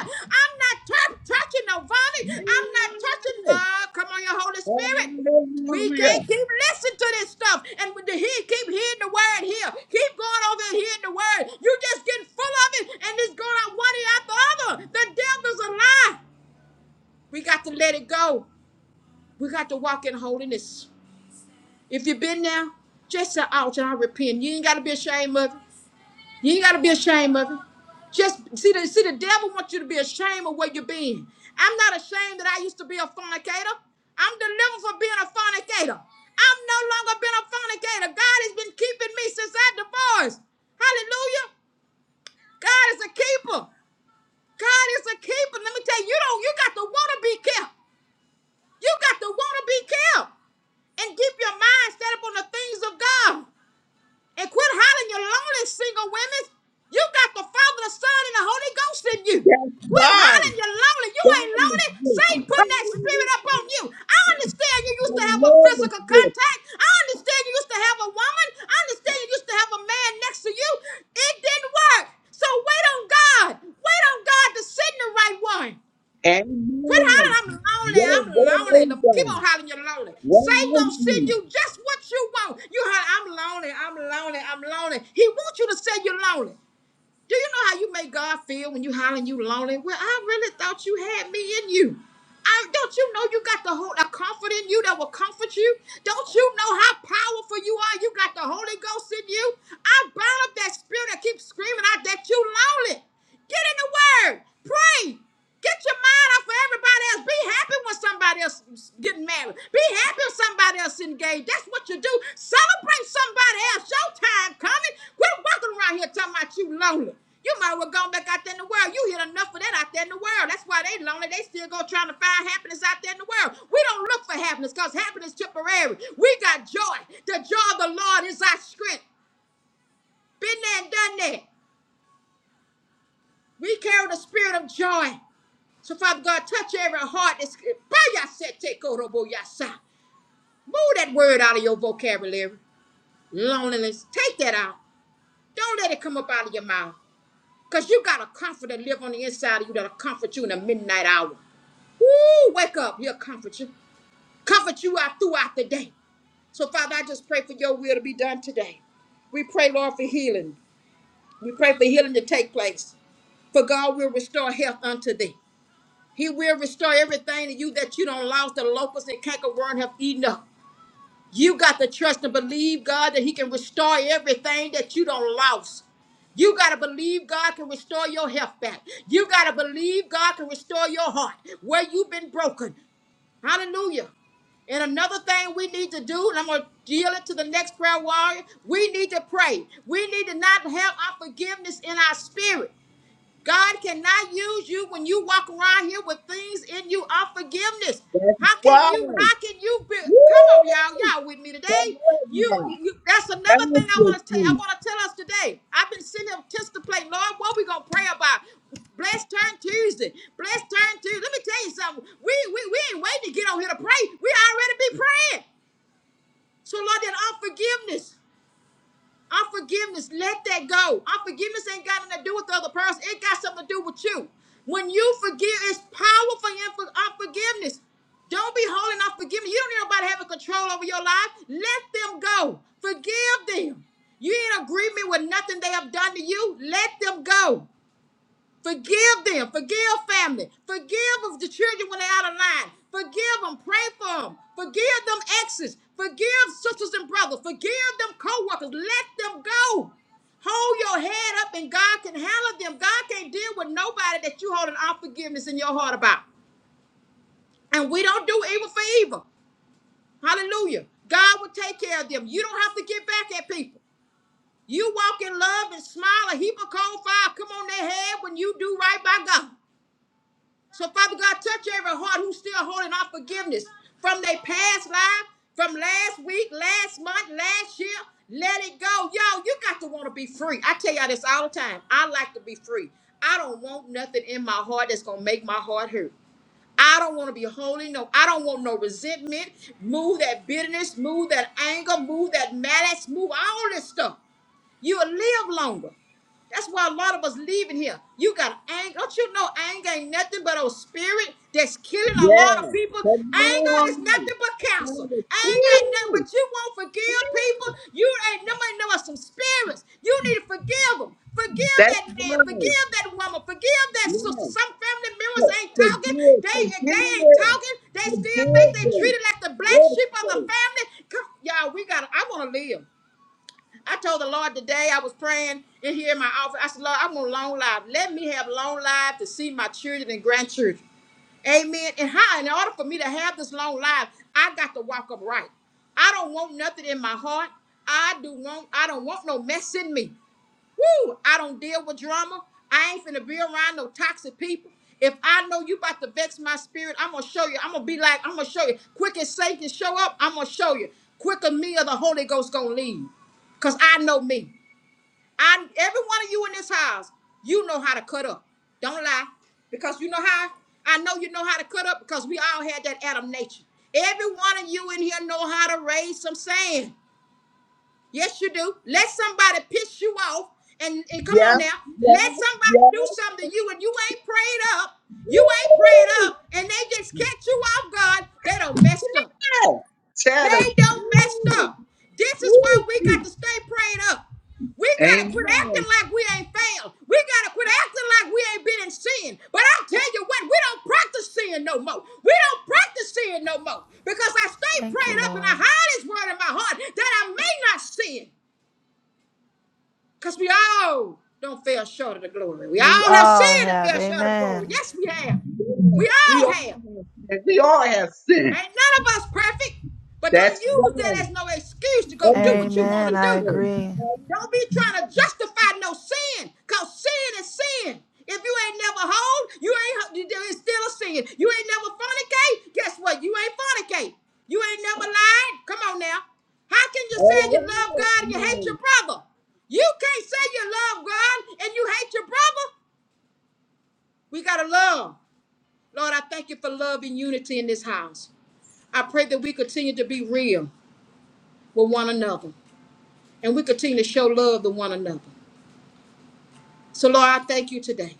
Speaker 4: I'm not touching no vomit. I'm not touching.
Speaker 5: Yes.
Speaker 4: Uh, come on, your Holy Spirit. We
Speaker 5: Hallelujah.
Speaker 4: can't keep listening to this stuff and he keep hearing the word here. Keep going over and hearing the word. You just getting full of it and it's going out one after the other. The devil's a lie. We got to let it go. We got to walk in holiness. If you've been there, just say, ouch, and I repent. You ain't got to be ashamed of it. You ain't gotta be ashamed of it. Just see the see the devil wants you to be ashamed of where you've been. I'm not ashamed that I used to be a fornicator. I'm delivered from being a fornicator. I'm no longer been a fornicator. God has been keeping me since I divorced. Hallelujah. God is a keeper. God is a keeper. Let me tell you, you don't you got to want to be kept. You got to want to be kept and keep your mind set up on the things of God and quit hollering your lonely single women. You got the Father, the Son, and the Holy Ghost in you.
Speaker 5: Yes,
Speaker 4: Quit
Speaker 5: God.
Speaker 4: hollering you're lonely. You
Speaker 5: God
Speaker 4: ain't
Speaker 5: is
Speaker 4: lonely.
Speaker 5: with you.
Speaker 4: Satan putting that spirit up on you. I understand you
Speaker 5: The
Speaker 4: used to have a
Speaker 5: Lord is
Speaker 4: physical
Speaker 5: with you.
Speaker 4: contact. I understand you used to have a woman. I understand you used to have a man next to you. It didn't work. So wait on God. Wait on God to send the right one. Quit
Speaker 5: Amen.
Speaker 4: hollering, I'm lonely,
Speaker 5: Well,
Speaker 4: I'm lonely.
Speaker 5: well
Speaker 4: Them- Keep
Speaker 5: done.
Speaker 4: on hollering, you're lonely.
Speaker 5: Well
Speaker 4: Satan
Speaker 5: done,
Speaker 4: gonna send
Speaker 5: you.
Speaker 4: you just what you want. You holler, I'm lonely, I'm lonely, I'm lonely. He wants you to say you're lonely. Do you know how you make God feel when you hollering you lonely? Well, I really thought you had me in you. I, don't you know you got the whole a comfort in you that will comfort you? Don't you know how powerful you are? You got the Holy Ghost in you. I bound up that spirit that keeps screaming out that you lonely. Get in the word. Pray. Get your mind off of everybody else. Be happy when somebody else is getting married. Be happy when somebody else engaged. That's what you do. Celebrate somebody else. Show time coming. Quit walking around here talking about you lonely. You might as well go back out there in the world. You hit enough of that out there in the world. That's why they lonely. They still go trying to find happiness out there in the world. We don't look for happiness because happiness is temporary. We got joy. The joy of the Lord is our strength. Been there and done that. We carry the spirit of joy. So, Father God, touch every heart that's Bayasete koroboyasa. Move that word out of your vocabulary. Loneliness. Take that out. Don't let it come up out of your mouth. Because you got a comfort that live on the inside of you that'll comfort you in the midnight hour. Woo! Wake up. He'll comfort you. Comfort you out throughout the day. So, Father, I just pray for your will to be done today. We pray, Lord, for healing. We pray for healing to take place. For God will restore health unto thee. He will restore everything to you that you don't lost the locusts and cankerworm have eaten up. You got to trust and believe God that He can restore everything that you don't lost. You got to believe God can restore your health back. You got to believe God can restore your heart where you've been broken. Hallelujah. And another thing we need to do, and I'm going to deal it to the next prayer warrior, we need to pray. We need to not have unforgiveness in our spirit. God cannot use you when you walk around here with things in you of forgiveness.
Speaker 5: That's
Speaker 4: How can
Speaker 5: why.
Speaker 4: you?
Speaker 5: Woo!
Speaker 4: How can you be? Come on, y'all, y'all with me today.
Speaker 5: Come on
Speaker 4: You,
Speaker 5: now.
Speaker 4: you that's
Speaker 5: Thank
Speaker 4: another thing I
Speaker 5: you,
Speaker 4: want to tell. I
Speaker 5: Jesus.
Speaker 4: want to tell us today. I've been sitting here just to play, Lord. What we gonna pray about? Blessed turn Tuesday. Blessed turn Tuesday. Let me tell you something. We we, we ain't waiting to get on here to pray. We already be praying. So Lord, that unforgiveness. Unforgiveness, let that go. Unforgiveness ain't got nothing to do with the other person. It got something to do with you. When you forgive, it's powerful in for unforgiveness. Don't be holding unforgiveness. You don't need nobody having control over your life. Let them go. Forgive them. You ain't in agreement with nothing they have done to you. Let them go. Forgive them. Forgive family. Forgive of the children when they're out of line. Forgive them. Pray for them. Forgive them exes. Forgive sisters and brothers. Forgive them co-workers. Let them go. Hold your head up and God can handle them. God can't deal with nobody that you hold an unforgiveness in your heart about. And we don't do evil for evil. Hallelujah. God will take care of them. You don't have to get back at people. You walk in love and smile a heap of cold fire. Come on their head when you do right by God. So, Father God, touch every heart who's still holding on forgiveness from their past life, from last week, last month, last year. Let it go. Yo, you got to want to be free. I tell y'all this all the time. I like to be free. I don't want nothing in my heart that's going to make my heart hurt. I don't want to be holding no, I don't want no resentment. Move that bitterness, move that anger, move that malice, move all this stuff. You will live longer. That's why a lot of us leaving here. You got anger. Don't you know anger ain't nothing but a spirit that's killing a lot
Speaker 5: Yes.
Speaker 4: of people?
Speaker 5: Come
Speaker 4: Anger
Speaker 5: on.
Speaker 4: is nothing but
Speaker 5: Thank
Speaker 4: cancer.
Speaker 5: you.
Speaker 4: Anger ain't nothing
Speaker 5: Woo!
Speaker 4: but you won't forgive people. You ain't nobody know us some spirits. You need to forgive them. Forgive
Speaker 5: That's
Speaker 4: that man.
Speaker 5: why.
Speaker 4: Forgive that woman. Forgive that sister.
Speaker 5: Yes.
Speaker 4: Some family members
Speaker 5: For-
Speaker 4: ain't talking.
Speaker 5: Forgive.
Speaker 4: They they ain't
Speaker 5: Forgive.
Speaker 4: talking. They still think
Speaker 5: Forgive
Speaker 4: they
Speaker 5: them.
Speaker 4: treated like the black
Speaker 5: Yes.
Speaker 4: sheep of the
Speaker 5: Lord.
Speaker 4: family. Come, y'all, we got. to I want to live. I told the Lord today I was praying in here in my office. I said, Lord, I want long life. Let me have long life to see my children and grandchildren. Amen. And how, in order for me to have this long life, I got to walk upright. I don't want nothing in my heart. I do want. I don't want no mess in me. Woo! I don't deal with drama. I ain't finna be around no toxic people. If I know you about to vex my spirit, I'm gonna show you. I'm gonna be like, I'm gonna show you. Quick as Satan show up, I'm gonna show you. Quicker me or the Holy Ghost gonna leave. Cause I know me. I every one of you in this house, you know how to cut up. Don't lie. Because you know how? I know you know how to cut up because we all had that Adam nature. Every one of you in here know how to raise some sand. Yes, you do. Let somebody piss you off. And, and come on
Speaker 5: Yep.
Speaker 4: now. Let
Speaker 5: Yep.
Speaker 4: somebody do
Speaker 5: Yep.
Speaker 4: something to you and you ain't prayed up. You ain't prayed
Speaker 5: Woo!
Speaker 4: up. And they just catch you off guard. They don't mess up.
Speaker 5: Tell
Speaker 4: They don't mess up. This is why
Speaker 5: Woo,
Speaker 4: we got
Speaker 5: woo.
Speaker 4: to stay prayed up. We gotta quit
Speaker 5: Amen.
Speaker 4: acting like we ain't failed. We gotta quit acting like we ain't been in sin. But I tell you what, we don't practice sin no more. We don't practice sin no more because I stay
Speaker 1: Thank you,
Speaker 4: prayed up and
Speaker 1: Lord.
Speaker 4: I hide His word in my heart that I may not sin. Because we all don't fail short of the glory. We
Speaker 1: We
Speaker 4: all have
Speaker 1: all
Speaker 4: sinned and
Speaker 1: have.
Speaker 4: fell short of glory.
Speaker 1: Amen.
Speaker 4: Yes, we have. We
Speaker 5: We
Speaker 4: all
Speaker 5: all
Speaker 4: have.
Speaker 5: have sin. We all have
Speaker 4: Ain't
Speaker 5: sin.
Speaker 4: none of us perfect. But
Speaker 5: That's
Speaker 4: don't
Speaker 5: why.
Speaker 4: use that as no excuse to go do
Speaker 5: Only
Speaker 4: what you
Speaker 5: God
Speaker 4: want
Speaker 1: Amen.
Speaker 4: to
Speaker 5: is
Speaker 1: I
Speaker 4: do.
Speaker 5: sin.
Speaker 1: agree.
Speaker 4: Don't be trying to justify no sin, cause sin is sin. If you ain't never hold, you ain't It's still a sin. You ain't never fornicate. Guess what? You ain't fornicate. You ain't never lied. Come on now. How can you say you
Speaker 5: All
Speaker 4: love
Speaker 5: right,
Speaker 4: God and you hate your
Speaker 5: man.
Speaker 4: brother? You can't say you love God and you hate your brother. We gotta love. Lord, I thank you for love and unity in this house. I pray that we continue to be real with one another and we continue to show love to one another. So, Lord, I thank you today.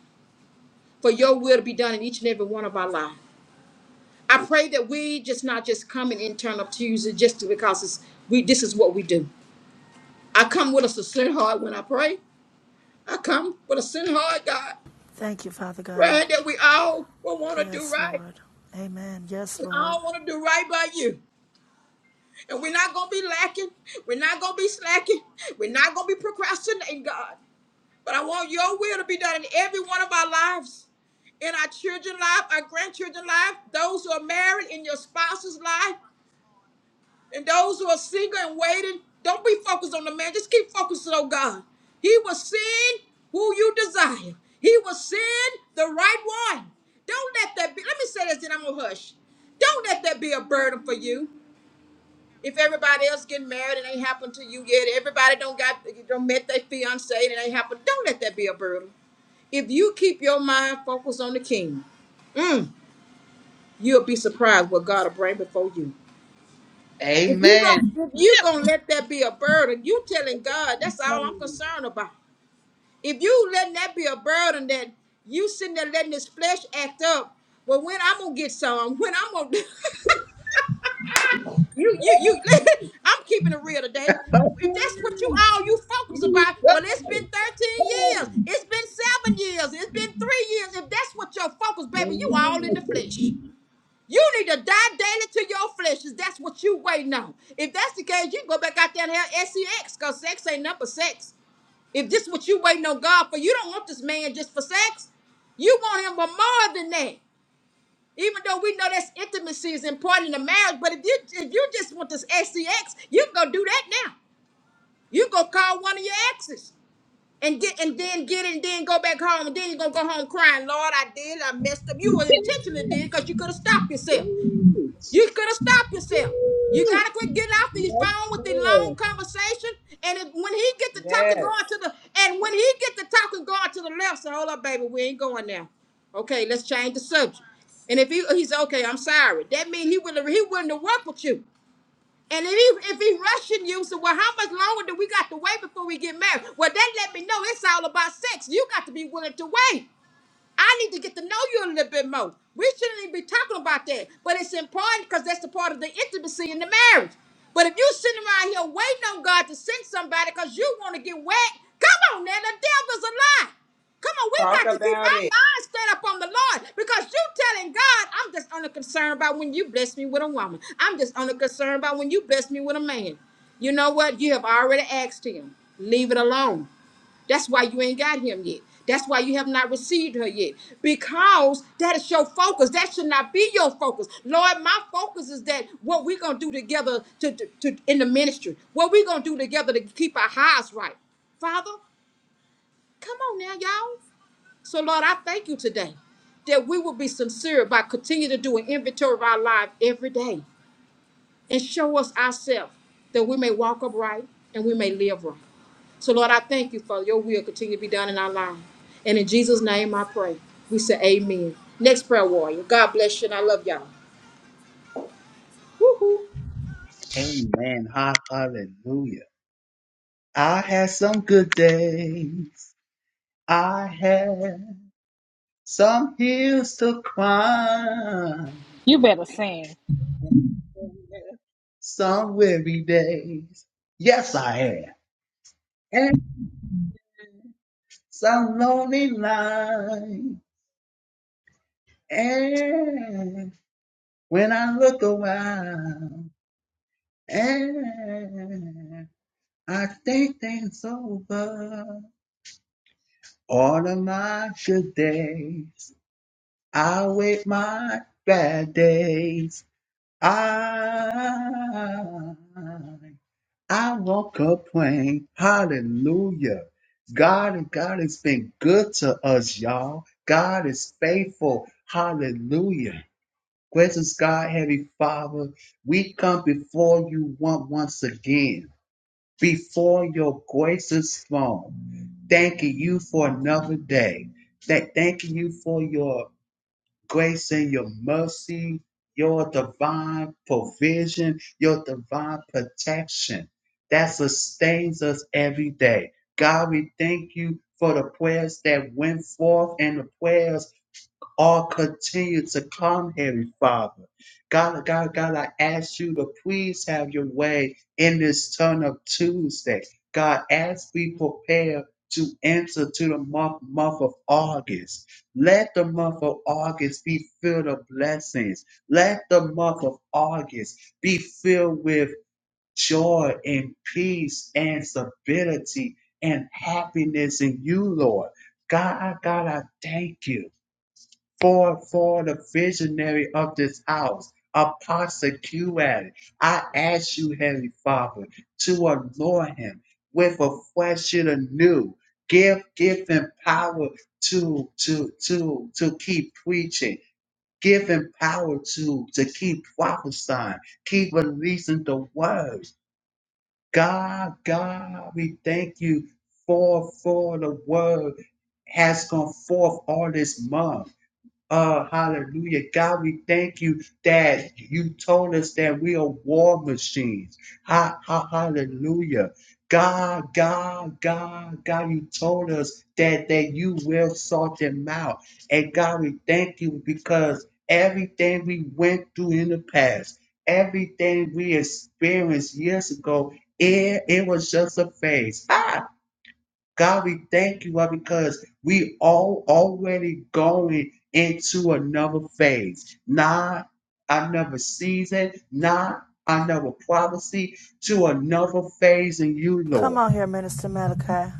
Speaker 4: for your will to be done in each and every one of our lives. I pray that we just not just come and in turn up Tuesday just to- because it's, we this is what we do. I come with a sincere heart when I pray. I come with a sincere heart, God,
Speaker 1: Thank you, Father God.
Speaker 4: praying that we all will want to do
Speaker 1: Yes,
Speaker 4: right.
Speaker 1: Lord. Amen. Yes,
Speaker 4: We
Speaker 1: Lord.
Speaker 4: all want to do right by you. And we're not going to be lacking. We're not going to be slacking. We're not going to be procrastinating, God. But I want your will to be done in every one of our lives in our children's life, our grandchildren's life, those who are married in your spouse's life. And those who are single and waiting, don't be focused on the man. Just keep focusing on God. He will send who you desire. He will send the right one. Don't let that be. Let me say this, and I'm gonna hush. Don't let that be a burden for you. If everybody else getting married and ain't happened to you yet, everybody don't got don't met their fiance and it ain't happened. Don't let that be a burden. If you keep your mind focused on the King, mm, you'll be surprised what God will bring before you. If you
Speaker 5: Amen.
Speaker 4: going if you gonna let that be a burden, you telling God that's all I'm
Speaker 5: Amen.
Speaker 4: concerned about. If you letting that be a burden, that you sitting there letting this flesh act up. Well, when I'm gonna get some? When I'm gonna? do- you you you? I'm keeping it real today. If that's what you
Speaker 5: Amen.
Speaker 4: all you focus
Speaker 5: You
Speaker 4: about,
Speaker 5: go.
Speaker 4: well, it's been 13 years. It's been seven years. It's been three years. If that's what your focus,
Speaker 5: Hey.
Speaker 4: baby, you
Speaker 5: Amen.
Speaker 4: all in the flesh. You need to die daily to your flesh. Is that's what you waiting on? If that's the case, you can go back out there and have sex, cause sex ain't number sex. If this what you waiting on God for, you don't want this man just for sex. You want him for more than that. Even though we know that's intimacy is important in a marriage, but if you if you just want this sex, you can go do that now. You go call one of your exes and get and then get it and then go back home and then you're gonna go home crying, Lord, I did, I messed up. You intentionally did because you could have stopped yourself.
Speaker 5: Amen.
Speaker 4: You could have stopped yourself. You
Speaker 5: Woo.
Speaker 4: gotta quit getting off the
Speaker 5: Yes,
Speaker 4: phone with the long
Speaker 5: Lord.
Speaker 4: conversation. And if, when he get to talking,
Speaker 6: Yes.
Speaker 4: going to the and when he get to talking, going to the left. So hold up, baby, we ain't going now. Okay, let's change the subject. And if he he's okay, I'm sorry. That means he wouldn't he willing to work with you. And if he if he rushing you, so well, how much longer do we got to wait before we get married? Well, that let me know it's all about sex. You got to be willing to wait. I need to get to know you a little bit more. We shouldn't even be talking about that. But it's important because that's the part of the intimacy in the marriage. But if you sitting around here waiting on God to send somebody because you want to get wet, come on now, the devil's a lie. Come on, we
Speaker 6: Talk
Speaker 4: got to keep
Speaker 6: about
Speaker 4: our
Speaker 6: it.
Speaker 4: minds stayed up on the Lord because you telling God, I'm just only concerned about when you bless me with a woman. I'm just only concerned about when you bless me with a man. You know what? You have already asked him. Leave it alone. That's why you ain't got him yet. That's why you have not received her yet. Because that is your focus. That should not be your focus. Lord, my focus is that what we're gonna do together to, to, to- in the ministry, what we're gonna do together to keep our hearts right. Father, come on now, y'all. So Lord, I thank you today that we will be sincere by continuing to do an inventory of our life every day and show us ourselves that we may walk upright and we may live right. So, Lord, I thank you for your will continue to be done in our lives. And in Jesus' name I pray. We say amen. Next prayer warrior. God bless you and I love y'all. Woo-hoo.
Speaker 5: Amen. Hallelujah. I had some good days. I had some hills to climb,
Speaker 2: You better sing.
Speaker 5: some weary days. Yes, I had. And some lonely nights. And when I look around, and I think things over, all of my good days. I wait my bad days. I I woke up complain. Hallelujah. God God has been good to us, y'all. God is faithful. Hallelujah. Gracious God, Heavenly Father, we come before you one once again, before your gracious throne, thanking you for another day. That thanking you for your grace and your mercy, your divine provision, your divine protection that sustains us every day. God, we thank you for the prayers that went forth and the prayers all continue to come, Heavenly Father. God, God, God, I ask you to please have your way in this turn of Tuesday. God, as we prepare to enter to the month, month of August, let the month of August be filled with blessings. Let the month of August be filled with joy and peace and stability and happiness in you, Lord. God, God, I thank you for for the visionary of this house, Apostle QL. I ask you, Heavenly Father, to anoint him with a fresh and anew. Give give him power to to to to keep preaching. Give him power to to keep prophesying, keep releasing the words. God, God, we thank you for for the word has gone forth all this month. Uh, hallelujah. God, we thank you that you told us that we are war machines. Ha, ha, hallelujah. God, God, God, God, you told us that, that you will sort them out. And God, we thank you because everything we went through in the past, everything we experienced years ago, it, it was just a phase. Ah. God, we thank you, Lord, because we all already going into another phase, not another season, not another prophecy, to another phase in you,
Speaker 1: Come
Speaker 5: Lord.
Speaker 1: on here, Minister Malachi.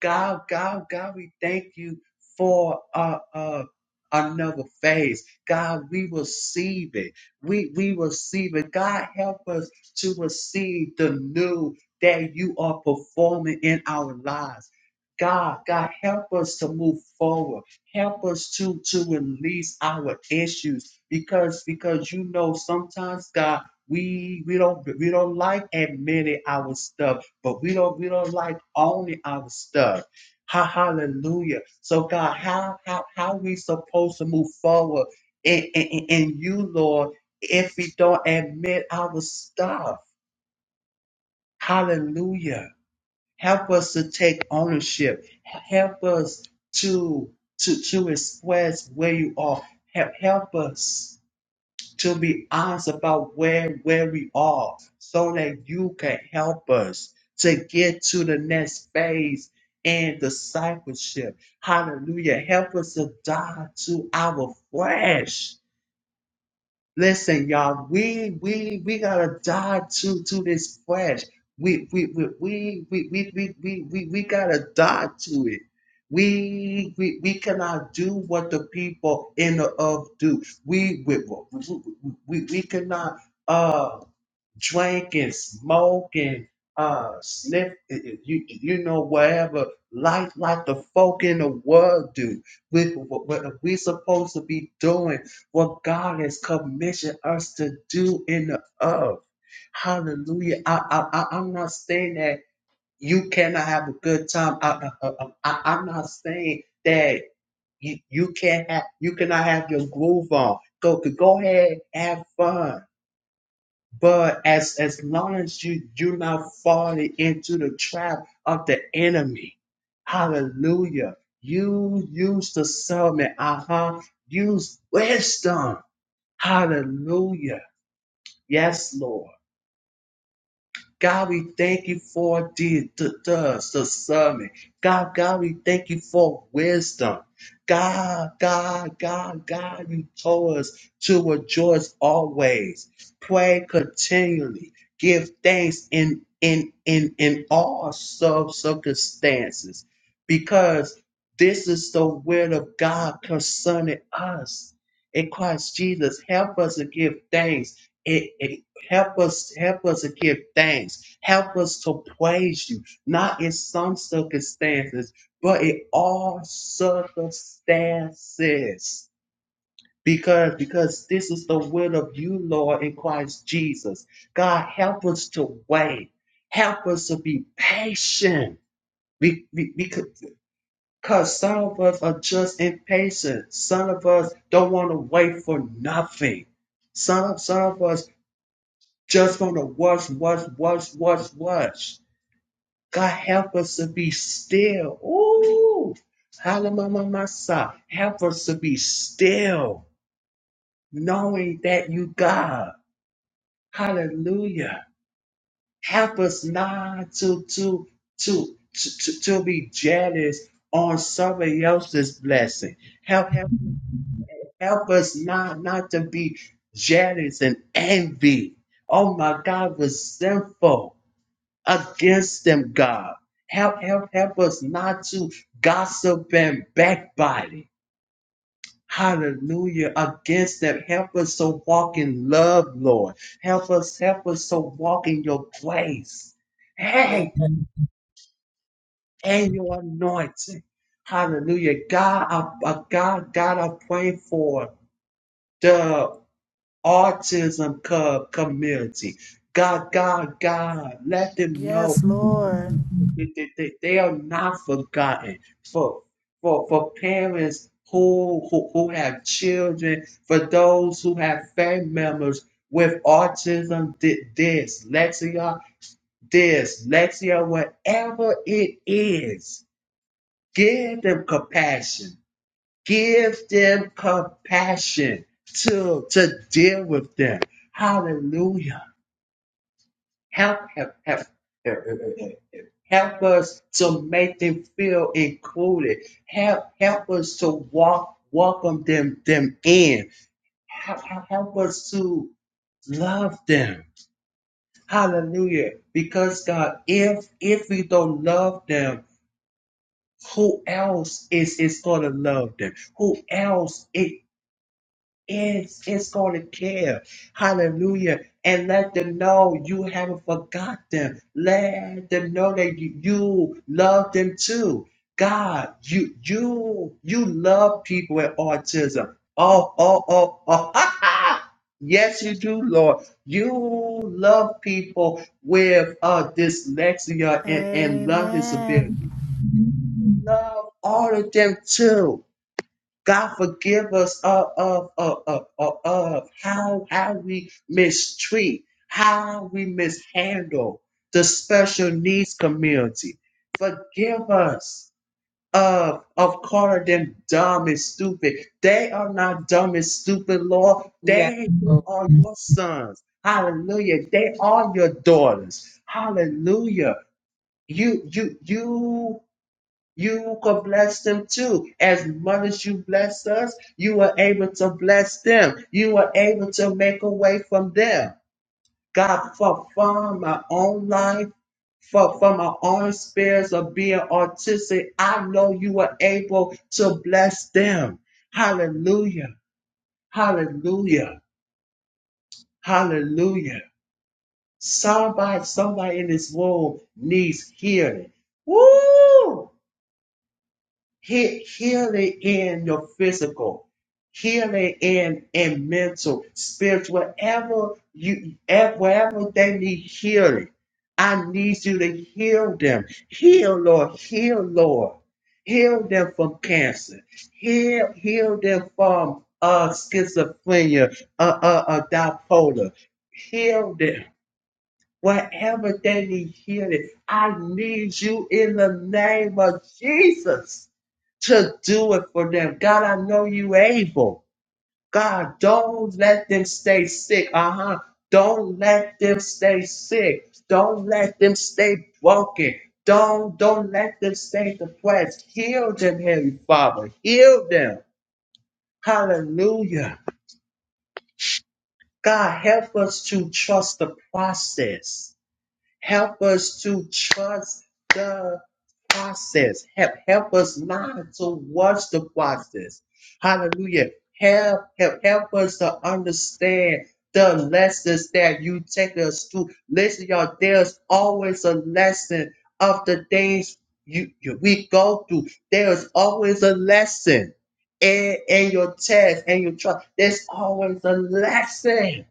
Speaker 5: God, God, God, we thank you for uh, uh, another phase. God, we receive it. We we receive it. God, help us to receive the new that you are performing in our lives. God, God, help us to move forward. Help us to to release our issues because because you know sometimes God we we don't we don't like admitting our stuff, but we don't we don't like owning our stuff. Ha, hallelujah. So God, how how how we supposed to move forward in, in, in you, Lord, if we don't admit our stuff? Hallelujah. Help us to take ownership. Help us to to to express where you are. Help, help us to be honest about where where we are, so that you can help us to get to the next phase in discipleship. Hallelujah! Help us to die to our flesh Listen, y'all, we we we gotta die to to this flesh. We we we we we we we we, we, we gotta die to it. We, we we cannot do what the people in the earth do. We we we, we, we we cannot. uh, drinking, smoking, uh, sniff, you you know whatever life like the folk in the world do. We what what we supposed to be doing? What God has commissioned us to do in the earth. Hallelujah! I I, I I'm not saying that you cannot have a good time. I, I, I I- I'm not saying that you you can't have you cannot have your groove on. Go go ahead, have fun but as as long as you you're not falling into the trap of the enemy, hallelujah. You use discernment, uh-huh. Use wisdom. Hallelujah. Yes, Lord. God, we thank you for the, the, the, the summit. God, God, we thank you for wisdom. God, God, God, God, you told us to rejoice always. Pray continually. Give thanks in in in in all sub circumstances. Because this is the will of God concerning us. In Christ Jesus, help us to give thanks In in. Help us, help us to give thanks. Help us to praise you, not in some circumstances, but in all circumstances. Because, because this is the will of you, Lord, in Christ Jesus. God, help us to wait. Help us to be patient. We we because some of us are just impatient. Some of us don't want to wait for nothing. Some, some of us Just gonna watch, watch, watch, watch, watch. God help us to be still. Ooh. Hallelujah. my son. Help us to be still, knowing that you God. Hallelujah. Help us not to to to to, to, to be jealous on somebody else's blessing. Help help help us not not to be jealous and envy. Oh my God, resentful. against them, God. Help, help, help us not to gossip and backbiting. Hallelujah. Against them. Help us to walk in love, Lord. Help us, help us to walk in your grace.
Speaker 6: Yeah.
Speaker 5: Hey, and your anointing. Hallelujah. God, I, I- God, God, I pray for. Autism cub community. God, God, God, let them know
Speaker 1: Yes, Lord.
Speaker 5: they, they, they- they are not forgotten. For for for parents who, who who have children, for those who have family members with autism, di- dyslexia, dyslexia, whatever it is, give them compassion Give them compassion to, to deal with them. Hallelujah. Help, help, help. Help us to make them feel included. Help, help us to walk, welcome them, them in. Help, help help us to love them. Hallelujah. Because God, if if we don't love them, who else is is gonna love them? Who else it is on and care. Hallelujah. And let them know you haven't forgot them. Let them know that you you love them too. God, you you you love people with autism. Oh, oh, oh, oh. yes, you do, Lord. You love people with uh, dyslexia and, and learning disability
Speaker 1: Amen.
Speaker 5: love all of them too. God forgive us of of of of, of, of how how we mistreat, how we mishandle the special needs community. Forgive us of of calling them dumb and stupid. They are not dumb and stupid, Lord. They
Speaker 6: Yeah.
Speaker 5: are your sons. Hallelujah. They are your daughters. Hallelujah. You you you you could bless them too. As much as you bless us, you were able to bless them. You were able to make a way from them. God, for from my own life, for from my own experience of being autistic, I know you were able to bless them. Hallelujah. Hallelujah. Hallelujah. Somebody, somebody in this world needs healing. Woo! Hit healing in your physical. healing in in mental, spiritual, whatever you at wherever they need healing. I need you to heal them. Heal, Lord, heal, Lord. Heal them from cancer. Heal, heal them from uh schizophrenia, uh uh, uh bipolar. Heal them. Whatever they need healing, I need you in the name of Jesus to do it for them. God, I know you able. God, don't let them stay sick. Uh huh. Don't let them stay sick. Don't let them stay broken. Don't don't let them stay depressed. Heal them, Heavenly Father. Heal them. Hallelujah. God, help us to trust the process. Help us to trust God. process. Help, help us not to watch the process. Hallelujah. Help, help, help us to understand the lessons that you take us through. Listen, y'all, there's always a lesson of the things you, you we do. There's always a lesson in, in your test and your trial. There's always a lesson.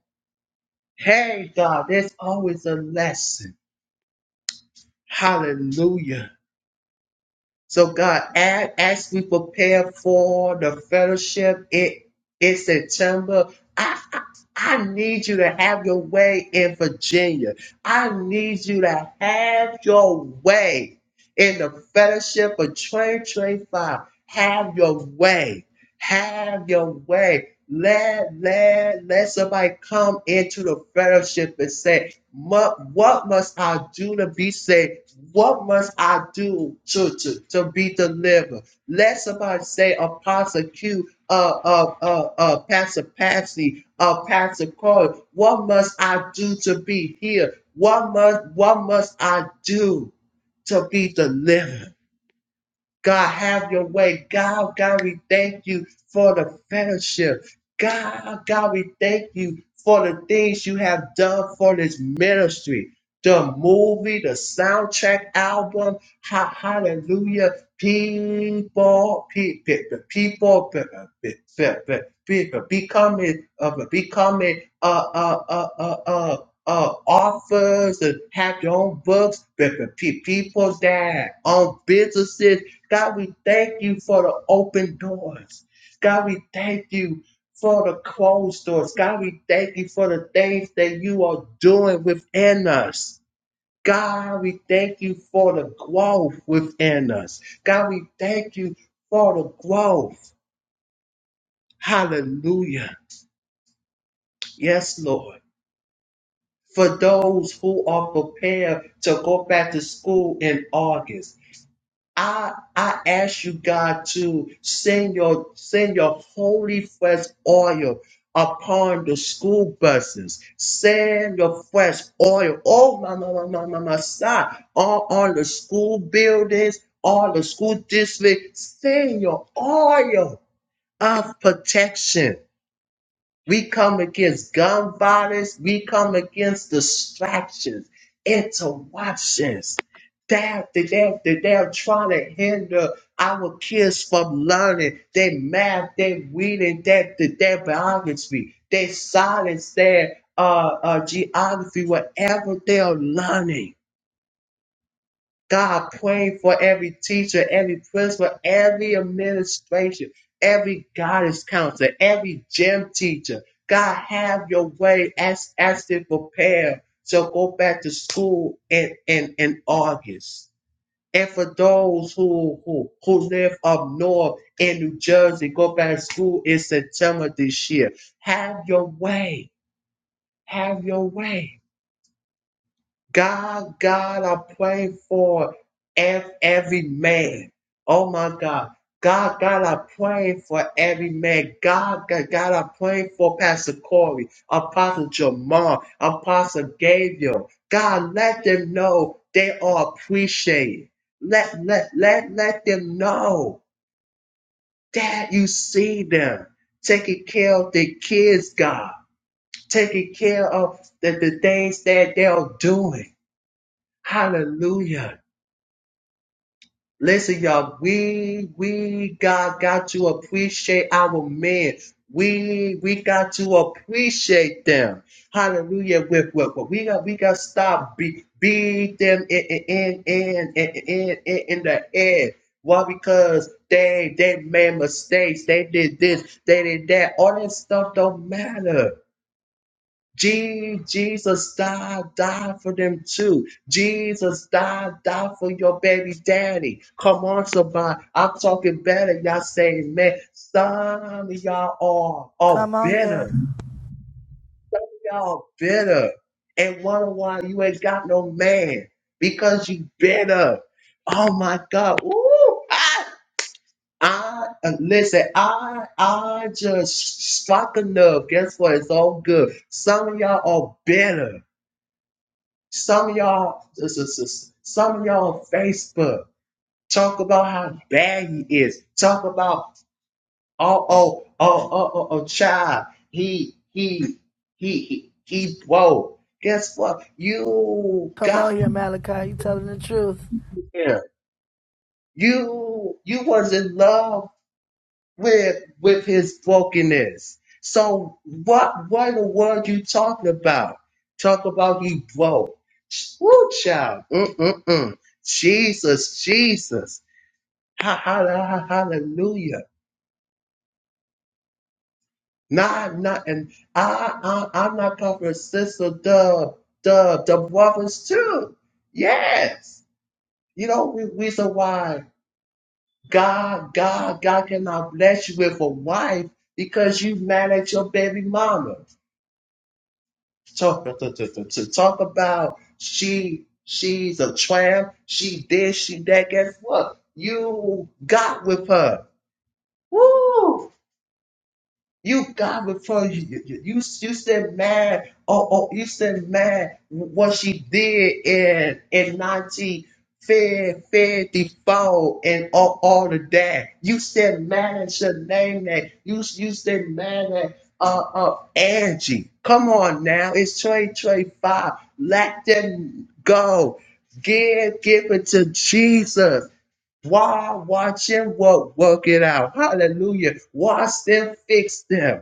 Speaker 5: Hey, God, there's always a lesson. Hallelujah. So God, as, as we prepare for the fellowship it in September, I, I I need you to have your way in Virginia. I need you to have your way in the fellowship of twenty twenty-five. Have your way. Have your way. Let let let somebody come into the fellowship and say, what must I do to be saved? What must I do to, to, to be delivered? Let somebody say, Apostle Q, uh, uh, uh, uh, Pastor Patsy, uh, Pastor Corey, what must I do to be here? What must, what must I do to be delivered? God, have your way. God, God, we thank you for the fellowship. God, God, we thank you for the things you have done for this ministry. The movie, the soundtrack album, ha- hallelujah. People, people, people, pe- pe- pe- pe- people becoming, uh, becoming, uh, uh, uh, uh, uh, uh, authors and have your own books, pe- pe- pe- people that own businesses God, we thank you for the open doors. God, we thank you for the closed doors. God, we thank you for the things that you are doing within us. God, we thank you for the growth within us. God, we thank you for the growth. Hallelujah. Yes, Lord. For those who are prepared to go back to school in August. I I ask you, God, to send your send your holy fresh oil upon the school buses. Send your fresh oil. Oh my my my my my, my side on, on the school buildings, on the school district. Send your oil of protection we come against gun violence. We come against distractions, interruptions. They're, they're, they're trying to hinder our kids from learning their math, their reading, their, their biography, their science, their uh, uh, geography, whatever they're learning God, praying for every teacher, every principal, every administration, every guidance counselor, every gym teacher. God, have your way as as they prepare to go back to school in, in, in August. And for those who, who who live up north in New Jersey, go back to school in September this year. Have your way. Have your way. God, God, I pray for ev- every man. Oh my God. God, God, I pray for every man. God, God, God, I pray for Pastor Corey, Apostle Jamal, Apostle Gabriel. God, let them know they are appreciated. Let, let, let, let them know that you see them taking care of their kids, God, taking care of the, the things that they're doing. Hallelujah. Listen, y'all, we we got got to appreciate our men. We we got to appreciate them. Hallelujah. With what what we got we got to stop be beat them in in in in in, in, in the head. Why? Because they they made mistakes. They did this. They did that. All that stuff don't matter. Je- Jesus died, died for them too. Jesus died, died for your baby daddy. Come on, somebody. I'm talking better. Y'all saying, man, some of y'all are, are
Speaker 1: Come on
Speaker 5: bitter.
Speaker 1: here.
Speaker 5: Y'all bitter. And wonder why you ain't got no man. Because you bitter. Oh my God. Ooh, I, I uh, listen, I I just struck a nerve. Guess what? It's all good. Some of y'all are bitter. Some of y'all, this is this- some of y'all on Facebook talk about how bad he is. Talk about oh oh oh oh oh, oh child. He he he he he whoa. Guess what? You
Speaker 1: Come on
Speaker 5: got
Speaker 1: here, Malachi. You are telling the truth.
Speaker 5: him. You you was in love with with his brokenness. So what what in the world you talking about? Talk about he broke. Woo, child. Mm-mm-mm. Jesus, Jesus. Ha, ha, ha, ha- hallelujah. Nah, nah. and I, I I'm not covering sister the the the brothers too. Yes. You know the reason why God God God cannot bless you with a wife because you mad at your baby mama. talk to, to, to, to talk about she she's a tramp, she this, she that. Guess what? You got with her. Woo! You got before you you you, you you said man oh, oh you said man what she did in in nineteen fifty four and all, all of that. You said man should name that. You you said man that uh uh Angie. Come on now, it's twenty twenty five. Let them go. Give give it to Jesus. Why watch him work work it out? Hallelujah. Watch them fix them.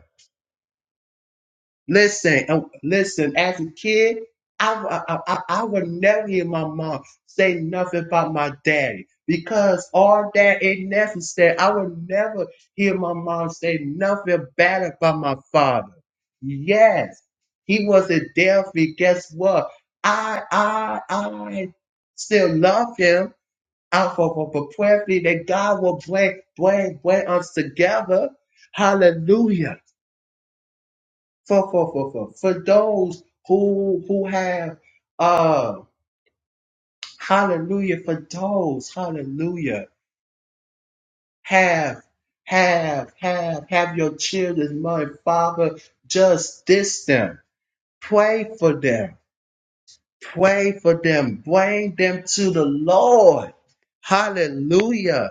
Speaker 5: Listen, uh, listen. As a kid, I, w- I, I, I would never hear my mom say nothing about my daddy because all that ain't necessary. I would never hear my mom say nothing bad about my father. Yes, he was a Delphi. Guess what? I I I still love him. i for, for, for prayerfully that God will bring bring bring us together. Hallelujah for for for for for those who who have uh hallelujah for those hallelujah have have have have your children mother father just this them pray for them pray for them bring them to the lord hallelujah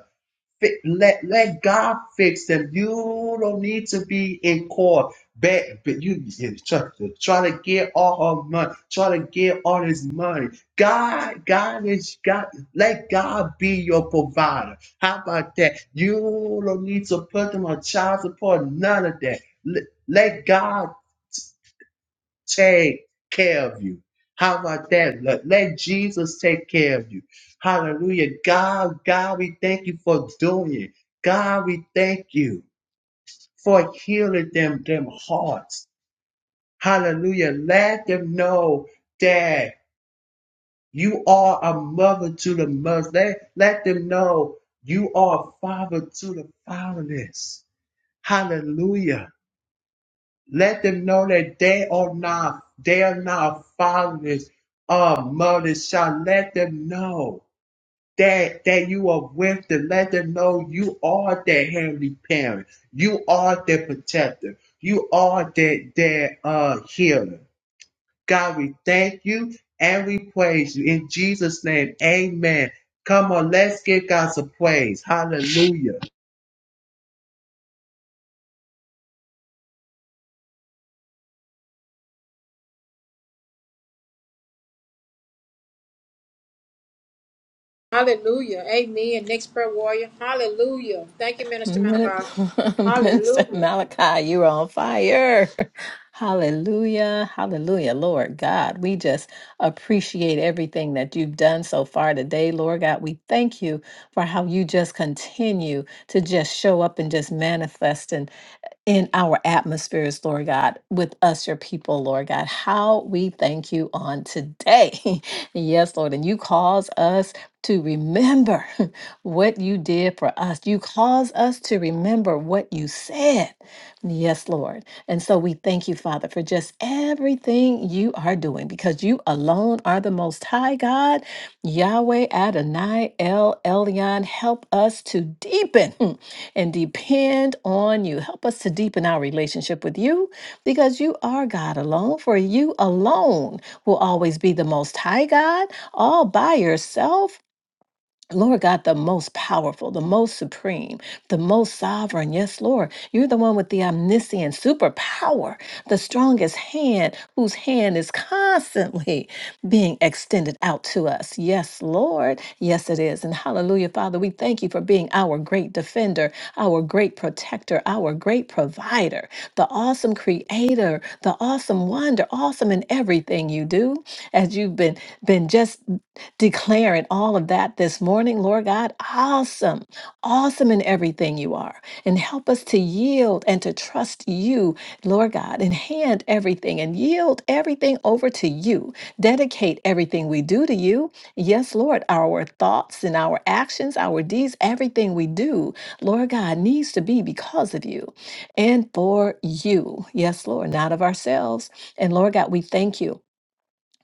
Speaker 5: Fi- Let let God fix them. You don't need to be in court. But, but you, you try, try to get all her money. Try to get all his money. God, God is God. Let God be your provider. How about that? You don't need to put them on child support. None of that. Let let God take care of you. How about that? Let, let Jesus take care of you. Hallelujah. God, God, we thank you for doing it. God, we thank you for healing them, them hearts. Hallelujah. Let them know that you are a mother to the mother. Let, let them know you are a father to the fatherless. Hallelujah. Let them know that they are not, they are not fathers or mothers. Shall let them know that that you are with them. Let them know you are their heavenly parent. You are their protector. You are their their uh healer. God, we thank you and we praise you in Jesus' name. Amen. Come on, let's give God some praise. Hallelujah.
Speaker 4: Hallelujah. Amen. Next prayer warrior. Hallelujah. Thank you, Minister Man of
Speaker 7: Min-
Speaker 4: God.
Speaker 7: Minister
Speaker 4: Hallelujah.
Speaker 7: Malachi, you are on fire. Hallelujah. Hallelujah. Lord God, we just appreciate everything that you've done so far today. Lord God, we thank you for how you just continue to just show up and just manifest in our atmospheres, Lord God, with us, your people, Lord God. How we thank you on today. yes, Lord. And you cause us to remember what you did for us. You cause us to remember what you said. Yes, Lord. And so we thank you, Father, for just everything you are doing because you alone are the most high God. Yahweh Adonai El Elyon, help us to deepen. and depend on you. Help us to deepen our relationship with you because you are God alone, for you alone will always be the most high God all by yourself. Lord God, the most powerful, the most supreme, the most sovereign. Yes, Lord, you're the one with the omniscient superpower, the strongest hand, whose hand is constantly being extended out to us. Yes, Lord. Yes, it is. And hallelujah, Father, we thank you for being our great defender, our great protector, our great provider, the awesome creator, the awesome wonder, awesome in everything you do. As you've been been just declaring all of that this morning, Lord God. Awesome, awesome in everything you are. And help us to yield and to trust you, Lord God, and hand everything and yield everything over to you. Dedicate everything we do to you. Yes, Lord, our thoughts and our actions, our deeds, everything we do, Lord God, needs to be because of you and for you. Yes, Lord, not of ourselves. And Lord God, we thank you